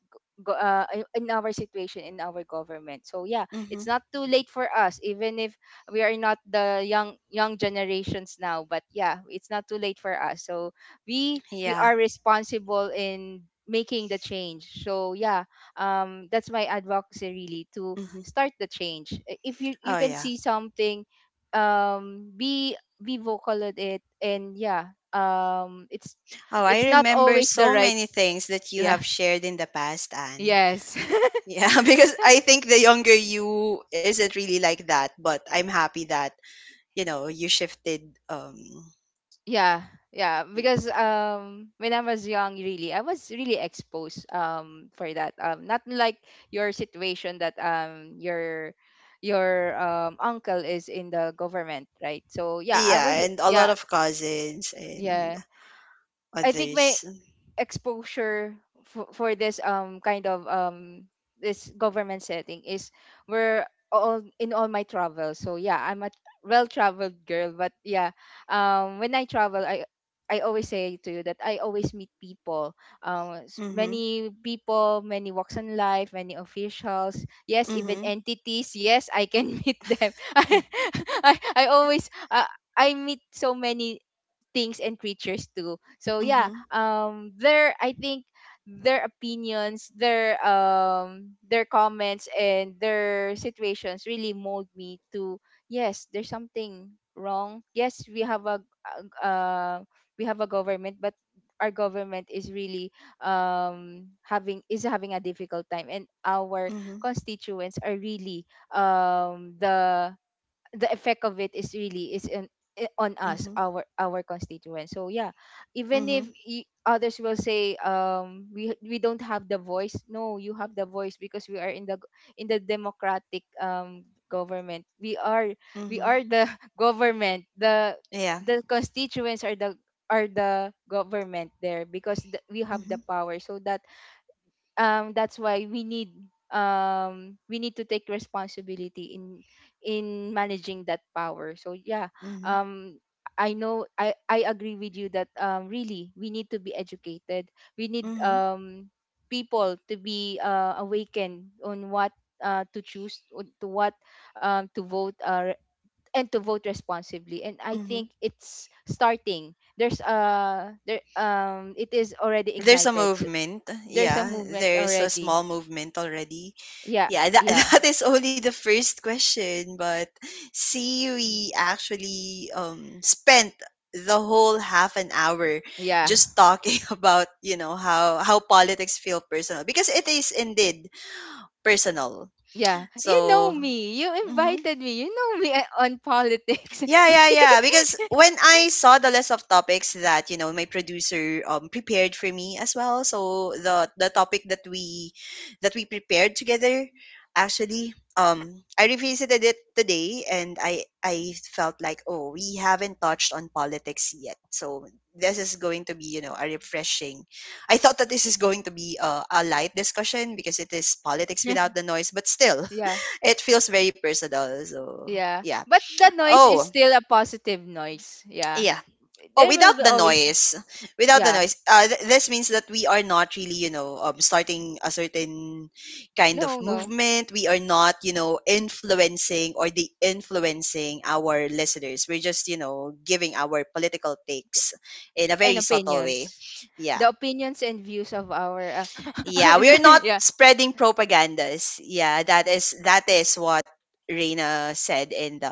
[SPEAKER 2] in our situation, in our government, so yeah, it's
[SPEAKER 1] Mhm.
[SPEAKER 2] not too late for us, even if we are not the young generations now, but yeah, it's not too late for us, so we
[SPEAKER 1] Yeah.
[SPEAKER 2] are responsible in making the change, so yeah, that's my advocacy, really, to
[SPEAKER 1] Mhm.
[SPEAKER 2] start the change. If you
[SPEAKER 1] Oh
[SPEAKER 2] you can
[SPEAKER 1] yeah.
[SPEAKER 2] see something, um, be be vocal at it, and yeah,
[SPEAKER 1] Oh,
[SPEAKER 2] it's
[SPEAKER 1] I
[SPEAKER 2] not
[SPEAKER 1] remember
[SPEAKER 2] always the
[SPEAKER 1] so
[SPEAKER 2] right.
[SPEAKER 1] many things that you
[SPEAKER 2] Yeah.
[SPEAKER 1] have shared in the past, Anne.
[SPEAKER 2] Yes.
[SPEAKER 1] Yeah, because I think the younger you isn't really like that, but I'm happy that, you know, you shifted
[SPEAKER 2] yeah, yeah,
[SPEAKER 1] y-
[SPEAKER 2] because when I was young, really, I was really exposed for that, not like your situation, that your uncle is in the government, right? So yeah, I was,
[SPEAKER 1] yeah, and a lot
[SPEAKER 2] yeah,
[SPEAKER 1] of cousins and
[SPEAKER 2] yeah. I think my
[SPEAKER 1] others.
[SPEAKER 2] exposure for this kind of this government setting is where all in all my travels. So yeah, I'm a well traveled girl, but yeah, when I travel, I always say to you that I always meet people,
[SPEAKER 1] Mhm.
[SPEAKER 2] many people, many walks in life, many officials, yes, even
[SPEAKER 1] Mhm.
[SPEAKER 2] entities. Yes, I can meet them. I always, I meet so many things and creatures too. So yeah,
[SPEAKER 1] Mhm.
[SPEAKER 2] their I think their opinions, their comments and their situations really mold me to, yes, there's something wrong. Yes, uh, we have a government, but our government is really having is having a difficult time, and our
[SPEAKER 1] Mhm.
[SPEAKER 2] constituents are really the effect of it is really is in, on us,
[SPEAKER 1] Mhm.
[SPEAKER 2] our constituents, so yeah, even if
[SPEAKER 1] Mhm.
[SPEAKER 2] others will say we don't have the voice. No, you have the voice, because we are in the in the democratic government. We are we
[SPEAKER 1] Mhm.
[SPEAKER 2] are the government.
[SPEAKER 1] Yeah.
[SPEAKER 2] The constituents are the government there, because we have the
[SPEAKER 1] Mhm.
[SPEAKER 2] power, so that, that's why we need to take responsibility in managing that power, so yeah,
[SPEAKER 1] Mhm.
[SPEAKER 2] um, I agree with you that, um, really, we need to be educated. We need,
[SPEAKER 1] Mhm.
[SPEAKER 2] people to be, awakened on what, to what, to vote, and to vote responsibly, and I think
[SPEAKER 1] Mhm.
[SPEAKER 2] it's starting. There's there Um, it is already
[SPEAKER 1] There's a
[SPEAKER 2] ignited. So
[SPEAKER 1] movement.
[SPEAKER 2] there's a
[SPEAKER 1] Yeah,
[SPEAKER 2] movement
[SPEAKER 1] there's a
[SPEAKER 2] already.
[SPEAKER 1] small movement already.
[SPEAKER 2] Yeah,
[SPEAKER 1] Yeah, that
[SPEAKER 2] yeah,
[SPEAKER 1] that is only the first question, but Siri actually spent the whole half an hour
[SPEAKER 2] yeah,
[SPEAKER 1] just talking about, you know, how politics feel personal because it is indeed personal.
[SPEAKER 2] yeah. You know
[SPEAKER 1] So,
[SPEAKER 2] me. You
[SPEAKER 1] mm-hmm.
[SPEAKER 2] invited me. You know me on politics.
[SPEAKER 1] Yeah, yeah, yeah. Because when I saw the list of topics that you know my producer prepared for me as well, so the topic that we prepared together, actually, I revisited it today, and I felt like, oh, we haven't touched on politics yet, so this is going to be, you know, a refreshing. I thought that this is going to be a light discussion because it is politics without the noise, but still,
[SPEAKER 2] Yeah,
[SPEAKER 1] it feels very personal. So
[SPEAKER 2] yeah.
[SPEAKER 1] yeah.
[SPEAKER 2] But the noise is
[SPEAKER 1] Oh
[SPEAKER 2] still a positive noise. Yeah.
[SPEAKER 1] yeah. Oh,
[SPEAKER 2] There will
[SPEAKER 1] without
[SPEAKER 2] be
[SPEAKER 1] the
[SPEAKER 2] always,
[SPEAKER 1] noise, without the
[SPEAKER 2] yeah.
[SPEAKER 1] noise. This means that we are not really, you know, starting a certain kind of
[SPEAKER 2] No, no.
[SPEAKER 1] movement. We are not, you know, influencing or the influencing our listeners. We're just, giving our political takes in a
[SPEAKER 2] And
[SPEAKER 1] very subtle way.
[SPEAKER 2] opinions.
[SPEAKER 1] Yeah.
[SPEAKER 2] The opinions and views of our,
[SPEAKER 1] Yeah, we are not
[SPEAKER 2] yeah.
[SPEAKER 1] spreading propagandas. Yeah, that is what Reina said in the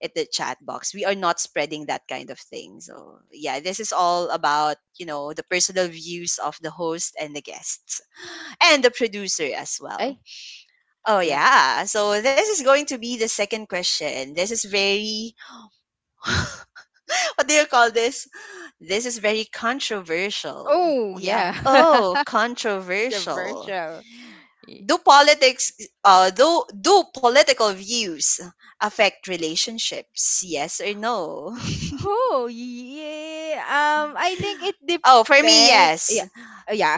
[SPEAKER 1] at the chat box. We are not spreading that kind of thing. So yeah, this is all about the personal views of the host and the guests and the producer as
[SPEAKER 2] Eh.
[SPEAKER 1] well. Oh
[SPEAKER 2] Yeah.
[SPEAKER 1] yeah, so this is going to be the second question. This is very what do you call this? This is very controversial.
[SPEAKER 2] Oh,
[SPEAKER 1] Yeah.
[SPEAKER 2] yeah.
[SPEAKER 1] Oh, controversial.
[SPEAKER 2] Controversial.
[SPEAKER 1] Do politics do do political views affect relationships? Yes or no?
[SPEAKER 2] Oh, yeah. I think it
[SPEAKER 1] Oh, for me,
[SPEAKER 2] depends. Yeah,
[SPEAKER 1] yes.
[SPEAKER 2] yeah.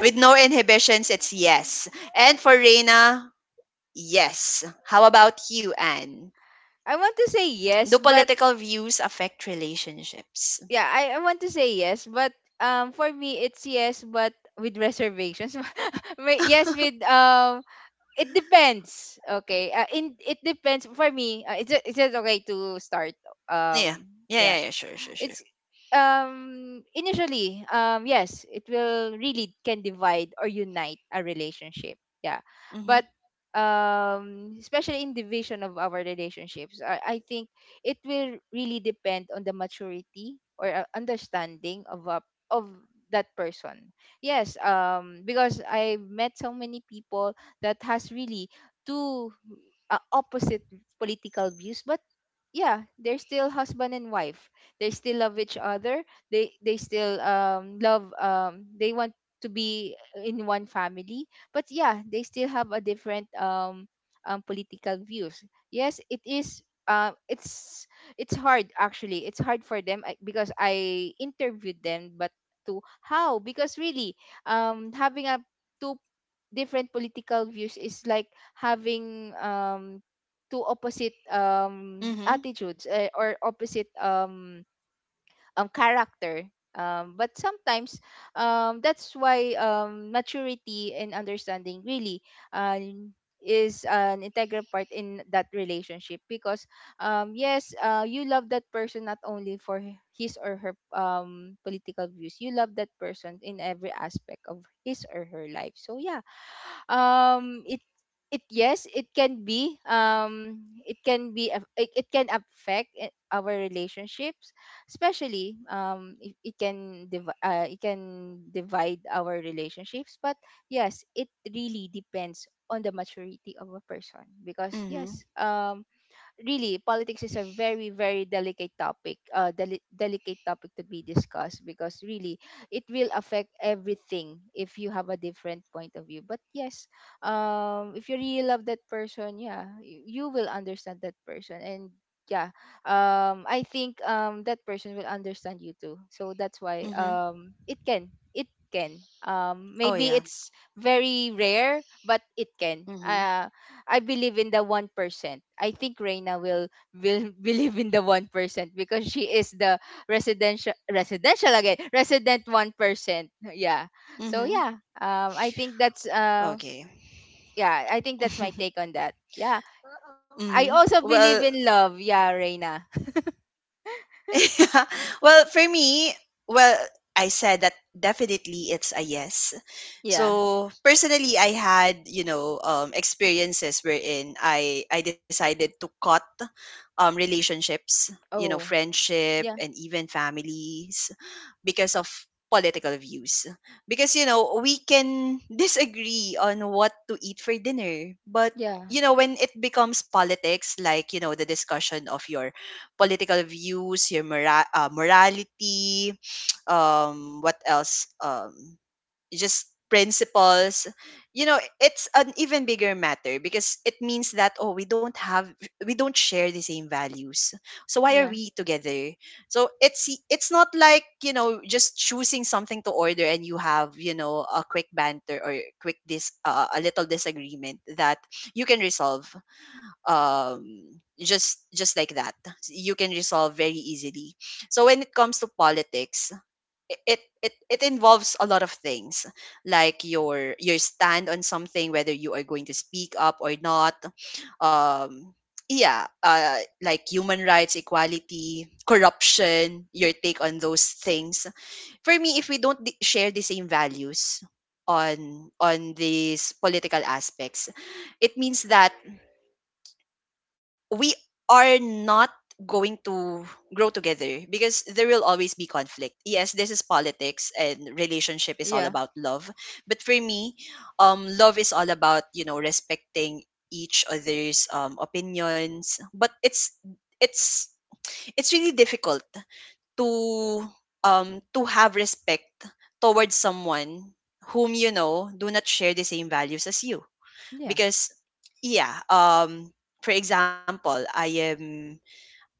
[SPEAKER 1] With no inhibitions, it's yes. And for Reina, yes. How about you, Anne?
[SPEAKER 2] I want to say
[SPEAKER 1] Do
[SPEAKER 2] yes, but
[SPEAKER 1] political views affect relationships?
[SPEAKER 2] yeah, I want to say yes, but, for me it's yes, but with reservations. May- yes, with it depends. Okay. In It depends for me. Is it is it okay to start?
[SPEAKER 1] Yeah.
[SPEAKER 2] Um.
[SPEAKER 1] Yeah,
[SPEAKER 2] Yeah.
[SPEAKER 1] yeah, yeah, sure, sure, sure.
[SPEAKER 2] It's initially yes, it will really can divide or unite a relationship, yeah,
[SPEAKER 1] Mm-hmm.
[SPEAKER 2] but especially in division of our relationships, I think it will really depend on the maturity or, understanding of a, of that person. Yes, because I met so many people that has really two, opposite political views, but yeah, they're still husband and wife. They still love each other. They still love they want to be in one family, but yeah, they still have a different political views. Yes, it is, uh, it's it's hard. Actually, it's hard for them, because I interviewed them, but to how, because really, having a two different political views is like having two opposite
[SPEAKER 1] Mm-hmm.
[SPEAKER 2] attitudes, eh, or opposite um, character. But sometimes, that's why, maturity and understanding really, uh, is an integral part in that relationship because, yes, you love that person not only for his or her political views, you love that person in every aspect of his or her life. So yeah, um, it it yes, it can be, it can be it can affect our relationships, especially it can it can divide our relationships, but yes, it really depends on the maturity of a person, because yes,
[SPEAKER 1] Mm-hmm.
[SPEAKER 2] um, really, politics is a very very delicate topic, delicate topic to be discussed, because really it will affect everything if you have a different point of view. But yes, um, if you really love that person, yeah, you will understand that person, and yeah, um, I think, um, that person will understand you too, so that's why,
[SPEAKER 1] Mm-hmm.
[SPEAKER 2] um, it can
[SPEAKER 1] Oh
[SPEAKER 2] maybe
[SPEAKER 1] yeah.
[SPEAKER 2] it's very rare, but it can,
[SPEAKER 1] Mm-hmm.
[SPEAKER 2] uh, I believe in the 1%. I think Reina will believe in the 1%, because she is the resident 1%. Yeah. So
[SPEAKER 1] Mm-hmm.
[SPEAKER 2] yeah. I think that's.
[SPEAKER 1] Okay.
[SPEAKER 2] Yeah. I think that's my take on that. Yeah.
[SPEAKER 1] Mm-hmm.
[SPEAKER 2] I also
[SPEAKER 1] Well,
[SPEAKER 2] believe in love. Yeah, Reina.
[SPEAKER 1] well, for me, well, I said that definitely it's a yes.
[SPEAKER 2] Yeah.
[SPEAKER 1] So personally, I had experiences wherein I decided to cut relationships,
[SPEAKER 2] Oh.
[SPEAKER 1] friendship
[SPEAKER 2] Yeah.
[SPEAKER 1] and even families because of political views. Because we can disagree on what to eat for dinner, but
[SPEAKER 2] Yeah.
[SPEAKER 1] when it becomes politics, like the discussion of your political views, your morality, what else, just principles. It's an even bigger matter because it means that oh, we don't share the same values, so why are
[SPEAKER 2] Yeah.
[SPEAKER 1] we together? So it's not like just choosing something to order and you have, a quick banter or quick dis a little disagreement that you can resolve um just like that, you can resolve very easily. So when it comes to politics, it involves a lot of things, like your stand on something, whether you are going to speak up or not, um yeah, like human rights, equality, corruption, your take on those things. For me, if we don't share the same values on these political aspects, it means that we are not going to grow together because there will always be conflict. Yes, this is politics, and relationship is all
[SPEAKER 2] Yeah.
[SPEAKER 1] about love. But for me, love is all about, respecting each other's opinions. But it's it's really difficult to to have respect towards someone whom do not share the same values as you,
[SPEAKER 2] Yeah.
[SPEAKER 1] because yeah, for example, I am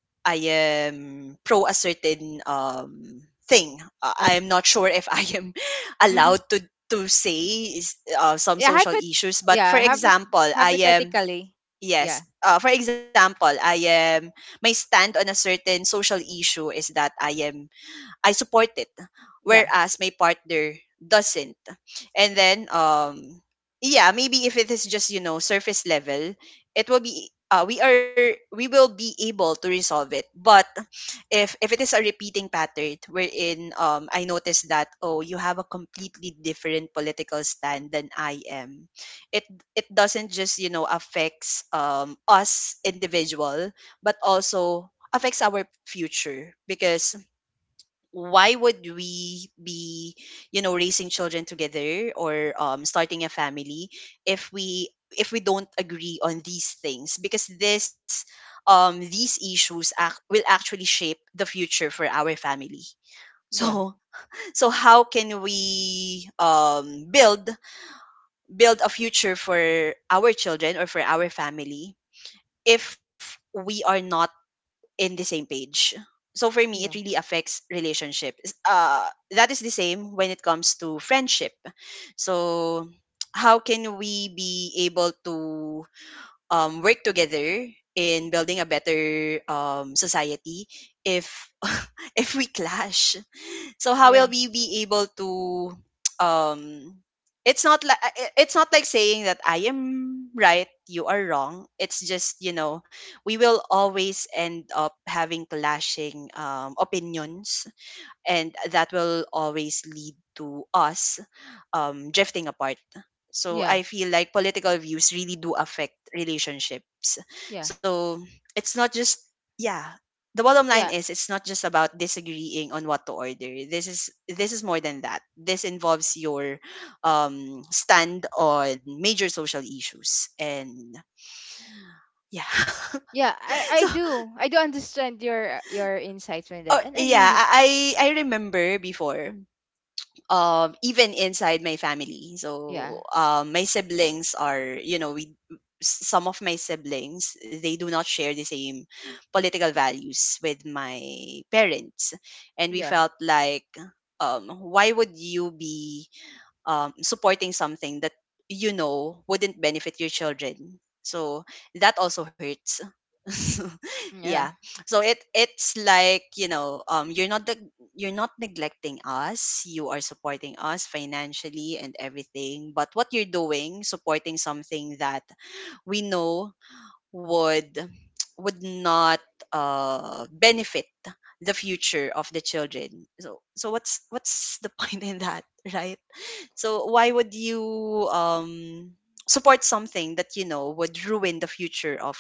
[SPEAKER 1] am pro a certain thing.
[SPEAKER 2] I
[SPEAKER 1] I
[SPEAKER 2] think.
[SPEAKER 1] am not sure if I am allowed to say, some
[SPEAKER 2] yeah.
[SPEAKER 1] social
[SPEAKER 2] Hypot.
[SPEAKER 1] issues. But for
[SPEAKER 2] Yeah. Hypot.
[SPEAKER 1] example, I am
[SPEAKER 2] Hypothetically.
[SPEAKER 1] yes,
[SPEAKER 2] Yeah.
[SPEAKER 1] for example, I am my stand on a certain social issue is that I support it,
[SPEAKER 2] Yeah.
[SPEAKER 1] whereas my partner doesn't. And then, yeah, maybe if it is just surface level, it will be, we will be able to resolve it. But if it is a repeating pattern wherein I notice that oh, you have a completely different political stand than I am, it it doesn't just affects us individual, but also affects our future. Because why would we be raising children together or starting a family if we if we don't agree on these things, because this these issues will actually shape the future for our family.
[SPEAKER 2] Yeah.
[SPEAKER 1] So how can we build a future for our children or for our family if we are not in the same page? So for me, it
[SPEAKER 2] Yeah.
[SPEAKER 1] really affects relationship. That is the same when it comes to friendship. So how can we be able to work together in building a better society if if we clash? So how will
[SPEAKER 2] Yeah.
[SPEAKER 1] we be able to um it's not like, saying that I am right, you are wrong. It's just, we will always end up having clashing opinions, and that will always lead to us drifting apart. So
[SPEAKER 2] Yeah.
[SPEAKER 1] I feel like political views really do affect relationships.
[SPEAKER 2] Yeah.
[SPEAKER 1] So it's not just, yeah. The bottom line
[SPEAKER 2] Yeah,
[SPEAKER 1] is it's not just about disagreeing on what to order. This is, more than that. This involves your stand on major social issues, and yeah.
[SPEAKER 2] yeah, i
[SPEAKER 1] So
[SPEAKER 2] i do, I do understand your insights on that,
[SPEAKER 1] oh,
[SPEAKER 2] and I
[SPEAKER 1] yeah,
[SPEAKER 2] really…
[SPEAKER 1] I remember before, even inside my family.
[SPEAKER 2] Yeah,
[SPEAKER 1] So, my siblings are, you know, we some of my siblings, they do not share the same political values with my parents, and we
[SPEAKER 2] yeah,
[SPEAKER 1] felt like, why would you be supporting something that wouldn't benefit your children? So that also hurts. Yeah.
[SPEAKER 2] yeah,
[SPEAKER 1] So it's like you're not neglecting us. You are supporting us financially and everything. But what you're doing, supporting something that we know would would not benefit the future of the children. So, what's the point in that, right? So why would you support something that would ruin the future of?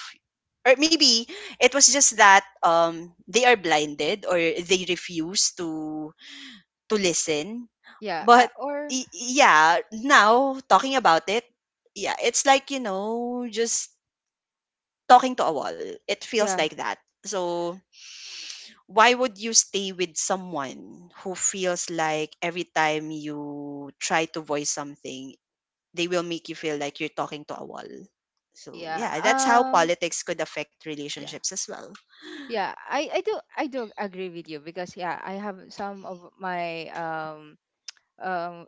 [SPEAKER 1] Or maybe it was just that, they are blinded or they refuse to listen.
[SPEAKER 2] yeah. I,
[SPEAKER 1] But
[SPEAKER 2] or
[SPEAKER 1] yeah, now talking about it, yeah, it's like just talking to a wall. It feels
[SPEAKER 2] Yeah,
[SPEAKER 1] like that. So why would you stay with someone who feels like every time you try to voice something, they will make you feel like you're talking to a wall. So
[SPEAKER 2] yeah,
[SPEAKER 1] yeah, that's how politics could affect
[SPEAKER 2] yeah,
[SPEAKER 1] relationships as well.
[SPEAKER 2] yeah, I do, I do agree with you, because yeah, I have some of my um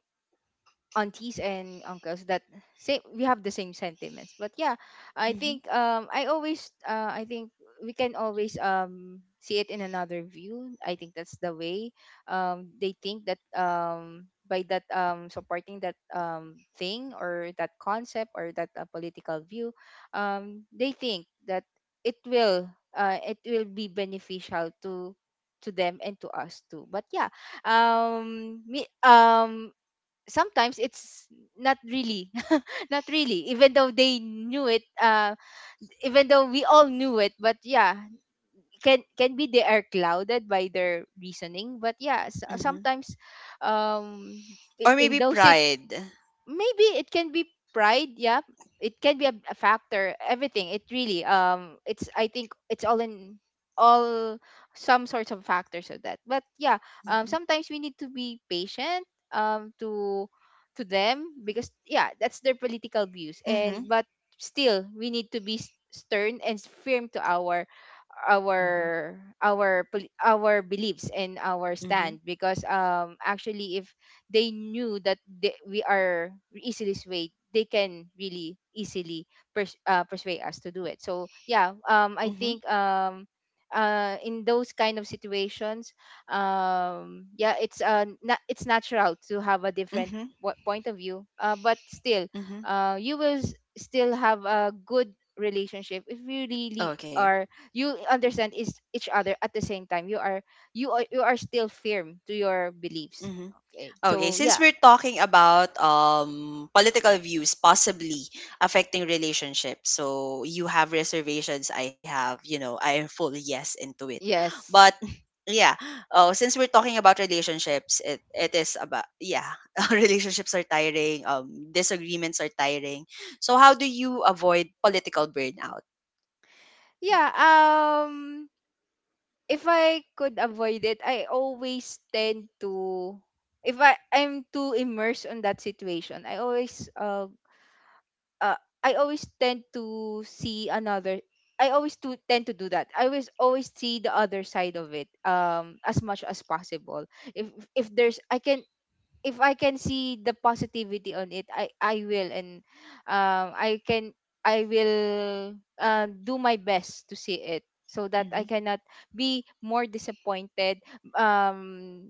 [SPEAKER 2] aunties and uncles that say we have the same sentiments. But yeah, I
[SPEAKER 1] Hmm.
[SPEAKER 2] think, I always, I think we can always see it in another view. I think that's the way they think that, by that, supporting that, thing or that concept or that political view, they think that it will, it will be beneficial to them and to us too. But yeah, me, sometimes it's not really. not really. Even though they knew it, even though we all knew it. But yeah, can be they are clouded by their reasoning. But yeah,
[SPEAKER 1] Hmm.
[SPEAKER 2] sometimes, um
[SPEAKER 1] Or
[SPEAKER 2] in
[SPEAKER 1] maybe
[SPEAKER 2] those…
[SPEAKER 1] pride.
[SPEAKER 2] Maybe it can be pride, yeah. It can be a factor. Everything, it really, it's, I think it's all in all some sorts of factors of that. But yeah,
[SPEAKER 1] Hmm.
[SPEAKER 2] sometimes we need to be patient, to them, because yeah, that's their political views.
[SPEAKER 1] Hmm.
[SPEAKER 2] And but still we need to be stern and firm to our
[SPEAKER 1] Hmm.
[SPEAKER 2] our beliefs and our
[SPEAKER 1] Hmm.
[SPEAKER 2] stand, because actually, if they knew that we are easily swayed, they can really easily persuade us to do it. So yeah, I think, in those kind of situations, yeah, it's, it's natural to have a different
[SPEAKER 1] Hmm.
[SPEAKER 2] point of view. But still,
[SPEAKER 1] Hmm.
[SPEAKER 2] you will still have a good relationship if you really
[SPEAKER 1] Okay.
[SPEAKER 2] are, you understand is each other. At the same time, you are, you are still firm to your beliefs. Okay,
[SPEAKER 1] Okay,
[SPEAKER 2] so
[SPEAKER 1] since
[SPEAKER 2] yeah.
[SPEAKER 1] we're talking about political views possibly affecting relationships, so you have reservations, I have, I am full yes into it.
[SPEAKER 2] Yes.
[SPEAKER 1] But yeah, oh, since we're talking about relationships, it is about, yeah, relationships are tiring, disagreements are tiring. So how do you avoid political burnout?
[SPEAKER 2] Yeah, if I could avoid it, I always tend to… If I'm too immersed on that situation, I always, uh I always tend to see another… I always to tend to do that. I always, always see the other side of it, as much as possible. If there's, I can… If I can see the positivity on it, I will. And I can, I will, do my best to see it, so that
[SPEAKER 1] Mm-hmm,
[SPEAKER 2] I cannot be more disappointed, um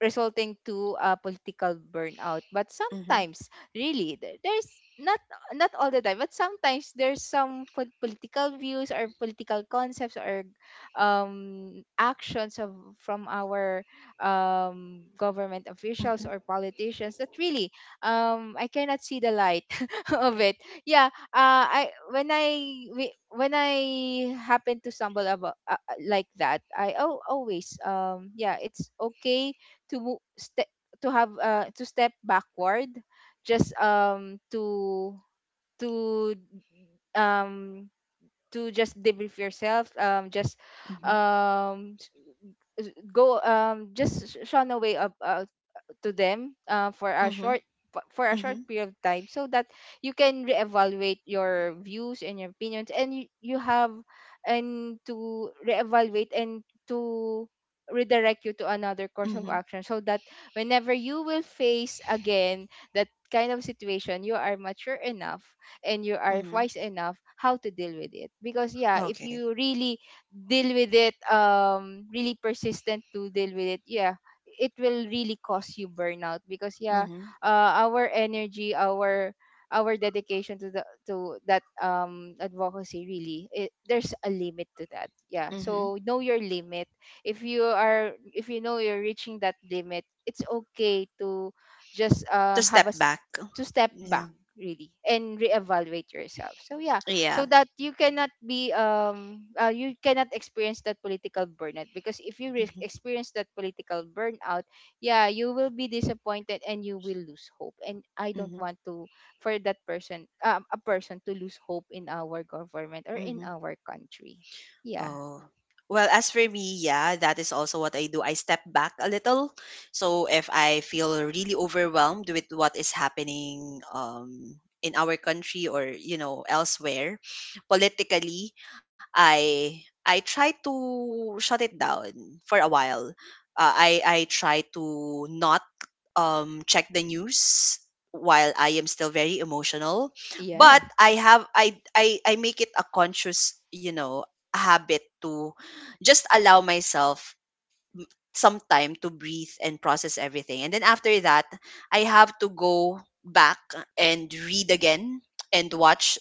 [SPEAKER 2] resulting to political burnout. But
[SPEAKER 1] mm-hmm,
[SPEAKER 2] sometimes, really, there's not, not all the time, but sometimes there's some political views or political concepts or actions of from our government officials or politicians that really, I cannot see the light of it. Yeah, I when I, when I happen to stumble about like that, I, oh, always, yeah, it's okay to to have, to step backward, just to to um to just debrief yourself, just,
[SPEAKER 1] mm-hmm,
[SPEAKER 2] um s- go, just shun away of to them, for a
[SPEAKER 1] mm-hmm,
[SPEAKER 2] short, for a short
[SPEAKER 1] mm-hmm,
[SPEAKER 2] period of time, so that you can reevaluate your views and your opinions, and you have, and to reevaluate and to redirect you to another course of
[SPEAKER 1] mm-hmm,
[SPEAKER 2] action, so that whenever you will face again that kind of situation, you are mature enough and you are
[SPEAKER 1] mm-hmm.
[SPEAKER 2] wise enough how to deal with it. Because yeah, if
[SPEAKER 1] Okay.
[SPEAKER 2] you really deal with it, really persistent to deal with it, yeah, it will really cause you burnout. Because yeah,
[SPEAKER 1] Mm-hmm,
[SPEAKER 2] our energy, our dedication to the to that advocacy, really, it, there's a limit to that. Yeah,
[SPEAKER 1] mm-hmm.
[SPEAKER 2] so know your limit. If you are, if you know you're reaching that limit, it's okay to just
[SPEAKER 1] To
[SPEAKER 2] have
[SPEAKER 1] step
[SPEAKER 2] a
[SPEAKER 1] back.
[SPEAKER 2] to step
[SPEAKER 1] Yeah.
[SPEAKER 2] back, really, and reevaluate yourself. So yeah,
[SPEAKER 1] Yeah.
[SPEAKER 2] so that you cannot be, you cannot experience that political burnout. Because if you risk
[SPEAKER 1] Hmm.
[SPEAKER 2] experience that political burnout, yeah, you will be disappointed and you will lose hope. And I don't
[SPEAKER 1] Hmm.
[SPEAKER 2] want to, for that person, a person, to lose hope in our government or in
[SPEAKER 1] Hmm.
[SPEAKER 2] our country. Yeah.
[SPEAKER 1] Oh. Well, as for me, yeah, that is also what I do. I step back a little. So if I feel really overwhelmed with what is happening in our country or, elsewhere, politically, I I try to shut it down for a while. I try to not, check the news while I am still very emotional.
[SPEAKER 2] Yeah,
[SPEAKER 1] But I have I make it a conscious, habit to just allow myself some time to breathe and process everything. And then after that, I have to go back and read again and watch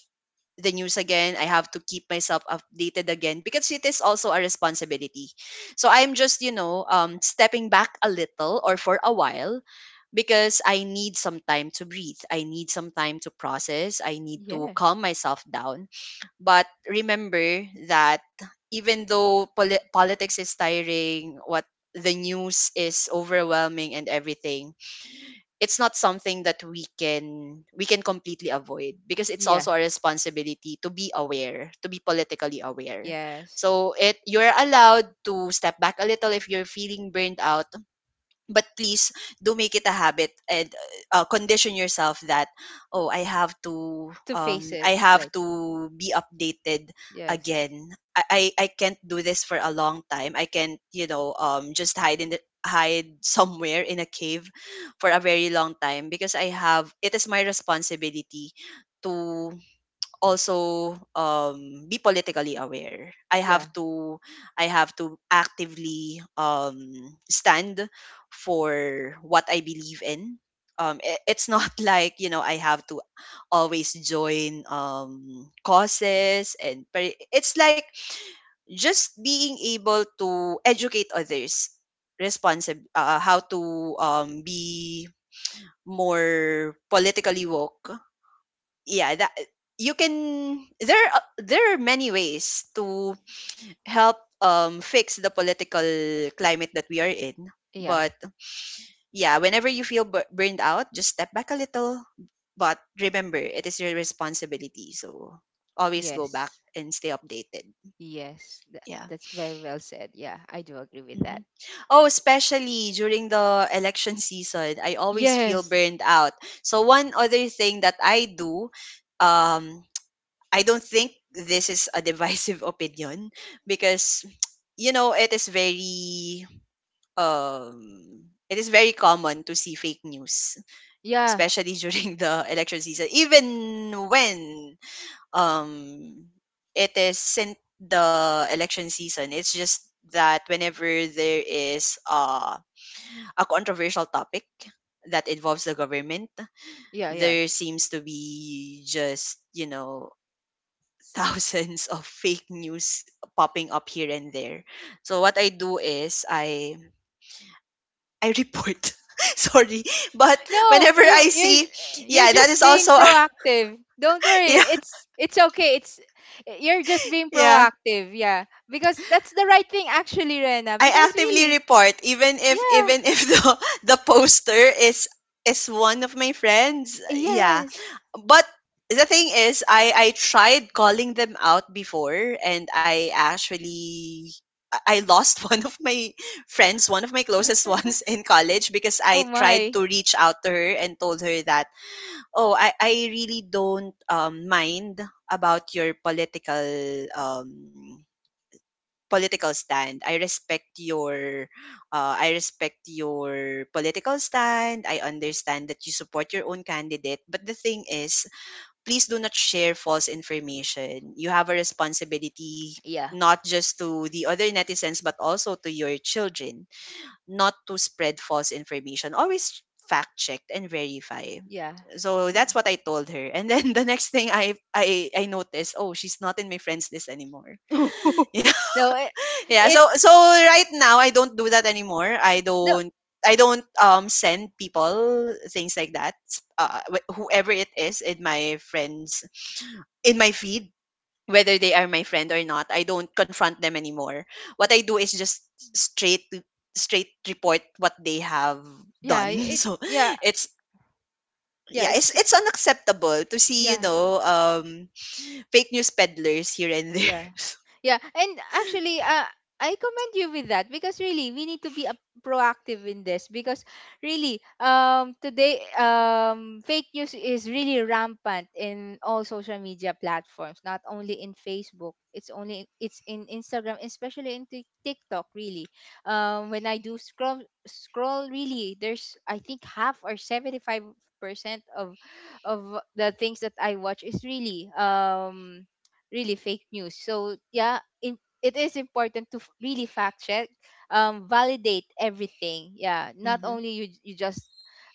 [SPEAKER 1] the news again. I have to keep myself updated again because it is also a responsibility. So I'm just, stepping back a little or for a while, because I need some time to breathe. I need some time to process. I need
[SPEAKER 2] yeah,
[SPEAKER 1] to calm myself down. But remember that even though politics is tiring, what the news is overwhelming and everything, it's not something that we can completely avoid, because it's
[SPEAKER 2] yeah.
[SPEAKER 1] also our responsibility to be aware, to be politically aware.
[SPEAKER 2] Yes.
[SPEAKER 1] So it you're allowed to step back a little if you're feeling burned out, but please do make it a habit, and condition yourself that oh, i have to
[SPEAKER 2] To face
[SPEAKER 1] um
[SPEAKER 2] it,
[SPEAKER 1] i have
[SPEAKER 2] like,
[SPEAKER 1] to be updated
[SPEAKER 2] yes,
[SPEAKER 1] again. I can't do this for a long time. I can't just hide somewhere in a cave for a very long time, because I have it is my responsibility to also be politically aware.
[SPEAKER 2] yeah,
[SPEAKER 1] I have to actively stand for what I believe in. It's not like I have to always join causes, and but it's like just being able to educate others responsible, how to be more politically woke. Yeah, that you can, there are many ways to help fix the political climate that we are in.
[SPEAKER 2] yeah.
[SPEAKER 1] But yeah, whenever you feel burned out, just step back a little, but remember it is your responsibility, so always go back
[SPEAKER 2] Yes,
[SPEAKER 1] and stay updated.
[SPEAKER 2] yes.
[SPEAKER 1] Yeah.
[SPEAKER 2] That's very well said. Yeah, I do agree with
[SPEAKER 1] Mhm.
[SPEAKER 2] that.
[SPEAKER 1] Oh, especially during the election season, I always feel
[SPEAKER 2] Yes.
[SPEAKER 1] burned out. So one other thing that I do, um, I don't think this is a divisive opinion, because you know it is very it is very common to see fake news,
[SPEAKER 2] Yeah.
[SPEAKER 1] especially during the election season. Even when um it isn't the election season, it's just that whenever there is a controversial topic that involves the government,
[SPEAKER 2] Yeah, yeah.
[SPEAKER 1] there seems to be just thousands of fake news popping up here and there. So what I do is I report. Sorry, but
[SPEAKER 2] No,
[SPEAKER 1] whenever I
[SPEAKER 2] you're…
[SPEAKER 1] see,
[SPEAKER 2] You're
[SPEAKER 1] yeah, that
[SPEAKER 2] just
[SPEAKER 1] is
[SPEAKER 2] being
[SPEAKER 1] also,
[SPEAKER 2] proactive. Don't worry.
[SPEAKER 1] yeah,
[SPEAKER 2] It's okay. It's… You're just being
[SPEAKER 1] yeah.
[SPEAKER 2] proactive. Yeah, because that's the right thing actually, Rena.
[SPEAKER 1] I
[SPEAKER 2] Because
[SPEAKER 1] actively
[SPEAKER 2] really,
[SPEAKER 1] report even if
[SPEAKER 2] yeah.
[SPEAKER 1] even if the poster is one of my friends. Yeah.
[SPEAKER 2] Yes.
[SPEAKER 1] But the thing is I tried calling them out before and I actually I lost one of my friends, one of my closest ones in college because
[SPEAKER 2] Oh
[SPEAKER 1] I tried
[SPEAKER 2] my.
[SPEAKER 1] to reach out to her and told her that, "Oh, I really don't mind about your political um political stand. I respect your political stand. I understand that you support your own candidate, but the thing is, please do not share false information. You have a responsibility
[SPEAKER 2] Yeah,
[SPEAKER 1] not just to the other netizens but also to your children not to spread false information. Always fact check and verify.
[SPEAKER 2] yeah,
[SPEAKER 1] So
[SPEAKER 2] yeah.
[SPEAKER 1] that's what I told her. And then the next thing I noticed, oh, she's not in my friends list anymore.
[SPEAKER 2] no, it,
[SPEAKER 1] Yeah,
[SPEAKER 2] it
[SPEAKER 1] so right now I don't do that anymore.
[SPEAKER 2] No,
[SPEAKER 1] I don't send people things like that. Whoever it is in my friends in my feed, whether they are my friend or not, I don't confront them anymore. What I do is just straight straight report what they have
[SPEAKER 2] yeah,
[SPEAKER 1] done.
[SPEAKER 2] it,
[SPEAKER 1] So
[SPEAKER 2] yeah,
[SPEAKER 1] it's
[SPEAKER 2] yeah,
[SPEAKER 1] yeah, it's
[SPEAKER 2] it's,
[SPEAKER 1] it's unacceptable to see you
[SPEAKER 2] yeah.
[SPEAKER 1] know um Fake news peddlers here and there.
[SPEAKER 2] Yeah. Yeah. And actually, I commend you with that, because really we need to be, proactive in this. Because really, today, fake news is really rampant in all social media platforms, not only in Facebook, it's only, it's in Instagram, especially in TikTok. Really, when I do scroll, really there's, I think half or 75% of the things that I watch is really, really fake news. So yeah, in, it is important to really fact check, validate everything. Yeah, not
[SPEAKER 1] hmm
[SPEAKER 2] only you, just,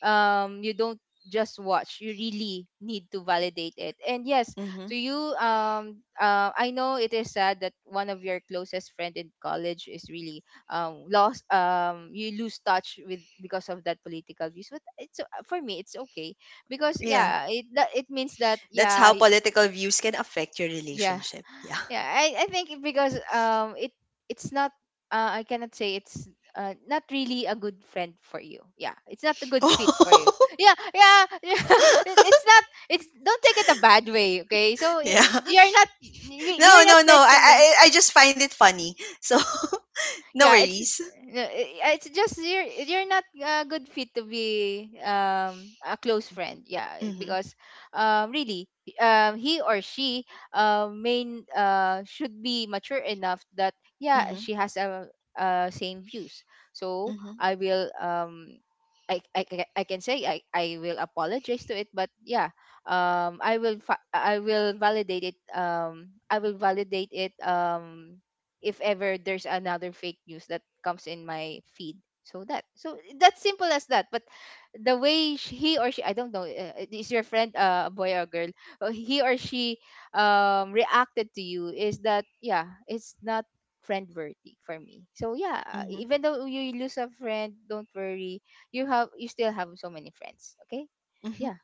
[SPEAKER 2] you don't just watch, you really need to validate it. And yes,
[SPEAKER 1] hmm
[SPEAKER 2] to you, I know it is sad that one of your closest friend in college is really, lost, you lose touch with, because of that political views. But it's, for me, it's okay. Because yeah, it, that, it means that,
[SPEAKER 1] That's
[SPEAKER 2] yeah.
[SPEAKER 1] how political views can affect your
[SPEAKER 2] Yeah.
[SPEAKER 1] relationship. Yeah.
[SPEAKER 2] Yeah, I think it, because it, it's not, I cannot say it's, not really a good friend for you. Yeah, it's not a good fit for you.
[SPEAKER 1] Oh,
[SPEAKER 2] Yeah, yeah, yeah. It, it's not. It's, don't take it a bad way. Okay, so,
[SPEAKER 1] yeah.
[SPEAKER 2] you're not,
[SPEAKER 1] No,
[SPEAKER 2] you're not
[SPEAKER 1] no, no.
[SPEAKER 2] meant
[SPEAKER 1] I,
[SPEAKER 2] to…
[SPEAKER 1] I, I just find it funny. So no
[SPEAKER 2] Yeah, it's
[SPEAKER 1] worries.
[SPEAKER 2] no, eh, yeah, it's just, you're not a good fit to be, a close friend. Yeah,
[SPEAKER 1] Mhm.
[SPEAKER 2] because really, he or she, main should be mature enough that, yeah,
[SPEAKER 1] Mhm.
[SPEAKER 2] she has a, same views. So
[SPEAKER 1] Mhm.
[SPEAKER 2] I will, I can say, I will apologize to it. But yeah, I will I will validate it, I will validate it, if ever there's another fake news that comes in my feed. So that, so that's simple as that. But the way sh he or she, I don't know, is your friend, a boy or a girl, he or she, reacted to you is that, yeah, it's not friend worthy for me. So yeah,
[SPEAKER 1] Mhm.
[SPEAKER 2] even though you lose a friend, don't worry, you have, you still have so many friends. Okay,
[SPEAKER 1] Mhm.
[SPEAKER 2] yeah,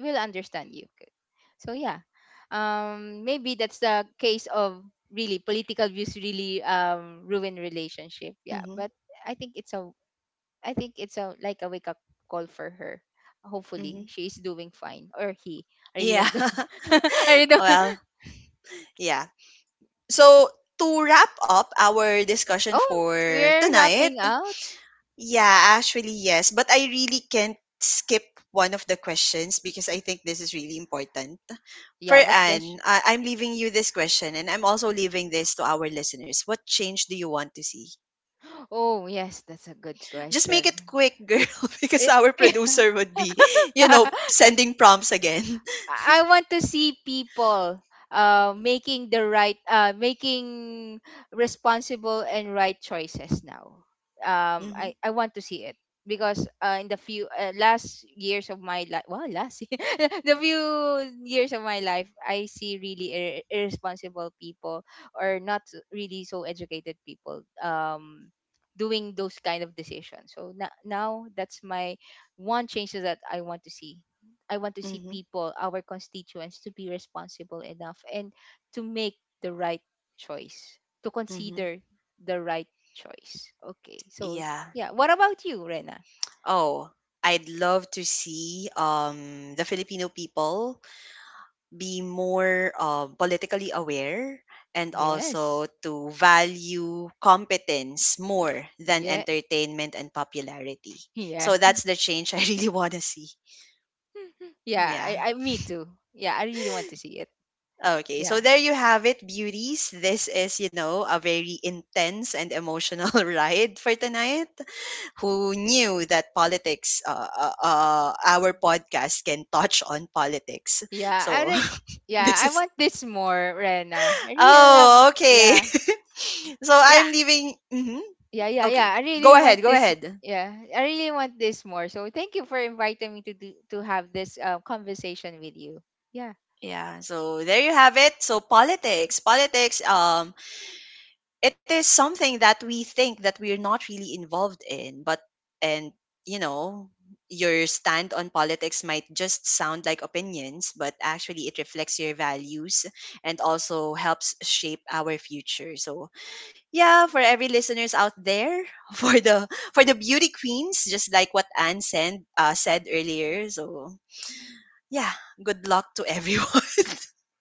[SPEAKER 2] will understand you. So yeah, maybe that's the case of really political views really, ruin relationship. Yeah,
[SPEAKER 1] Mhm.
[SPEAKER 2] but I think it's a, I think it's a, like, a wake up call for her. Hopefully
[SPEAKER 1] Mhm.
[SPEAKER 2] she is doing fine, or he. I really
[SPEAKER 1] Yeah.
[SPEAKER 2] don't know. I really don't.
[SPEAKER 1] Well, yeah. So to wrap up our discussion
[SPEAKER 2] Oh,
[SPEAKER 1] for
[SPEAKER 2] we're
[SPEAKER 1] tonight,
[SPEAKER 2] wrapping out.
[SPEAKER 1] yeah, actually yes, but I really can't skip one of the questions because I think this is really important. For
[SPEAKER 2] Yeah, what
[SPEAKER 1] Anne,
[SPEAKER 2] question?
[SPEAKER 1] I'm leaving you this question and I'm also leaving this to our listeners. What change do you want to see?
[SPEAKER 2] Oh yes, that's a good
[SPEAKER 1] Just make
[SPEAKER 2] question.
[SPEAKER 1] it quick, girl, because
[SPEAKER 2] Eh.
[SPEAKER 1] our producer would be, you know, sending prompts again.
[SPEAKER 2] I want to see people, making the right, making responsible and right choices now.
[SPEAKER 1] Mm-hmm,
[SPEAKER 2] I want to see it, because, in the few, last years of my life, well, last year, the few years of my life, I see really irresponsible people, or not really so educated people, doing those kind of decisions. So, now that's my one change that I want to see. I want to see
[SPEAKER 1] mm-hmm,
[SPEAKER 2] people, our constituents, to be responsible enough and to make the right choice, to
[SPEAKER 1] mm-hmm.
[SPEAKER 2] consider the right choice. Okay, so,
[SPEAKER 1] Yeah.
[SPEAKER 2] yeah. What about you, Rena?
[SPEAKER 1] Oh, I'd love to see the Filipino people be more politically aware and
[SPEAKER 2] Yes.
[SPEAKER 1] also to value competence more than
[SPEAKER 2] Yeah.
[SPEAKER 1] entertainment and popularity.
[SPEAKER 2] Yeah.
[SPEAKER 1] So that's the change I really want to see.
[SPEAKER 2] yeah.
[SPEAKER 1] Yeah.
[SPEAKER 2] I, me too. Yeah, I really want to see it.
[SPEAKER 1] Okay. So
[SPEAKER 2] Yeah.
[SPEAKER 1] there you have it, beauties. This is, you know, a very intense and emotional ride for tonight. Who knew that politics, our podcast can touch on politics?
[SPEAKER 2] Yeah,
[SPEAKER 1] So
[SPEAKER 2] yeah,
[SPEAKER 1] this
[SPEAKER 2] I
[SPEAKER 1] is,
[SPEAKER 2] want this more, Rena. I really love,
[SPEAKER 1] oh, okay.
[SPEAKER 2] yeah.
[SPEAKER 1] So
[SPEAKER 2] Yeah.
[SPEAKER 1] I'm leaving. Hmm
[SPEAKER 2] Yeah, yeah, yeah.
[SPEAKER 1] Okay,
[SPEAKER 2] I
[SPEAKER 1] go
[SPEAKER 2] really want
[SPEAKER 1] ahead, go
[SPEAKER 2] this.
[SPEAKER 1] ahead.
[SPEAKER 2] Yeah, I really want this more. So thank you for inviting me to do, to have this, conversation with you. Yeah,
[SPEAKER 1] Yeah, so there you have it. So politics, it is something that we think that we're not really involved in, but and you know, your stand on politics might just sound like opinions, but actually it reflects your values and also helps shape our future. So yeah, for every listeners out there, for the for the beauty queens, just like what Anne said earlier. So yeah, good luck to everyone.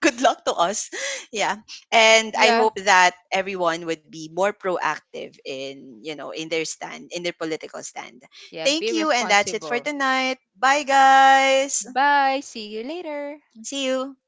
[SPEAKER 1] Good luck to us. Yeah, and I
[SPEAKER 2] yeah,
[SPEAKER 1] hope that everyone would be more proactive in in their stand in their political stand.
[SPEAKER 2] yeah.
[SPEAKER 1] Thank
[SPEAKER 2] Be
[SPEAKER 1] you, and that's it for
[SPEAKER 2] responsible.
[SPEAKER 1] tonight. Bye, guys.
[SPEAKER 2] Bye. See you later.
[SPEAKER 1] See you.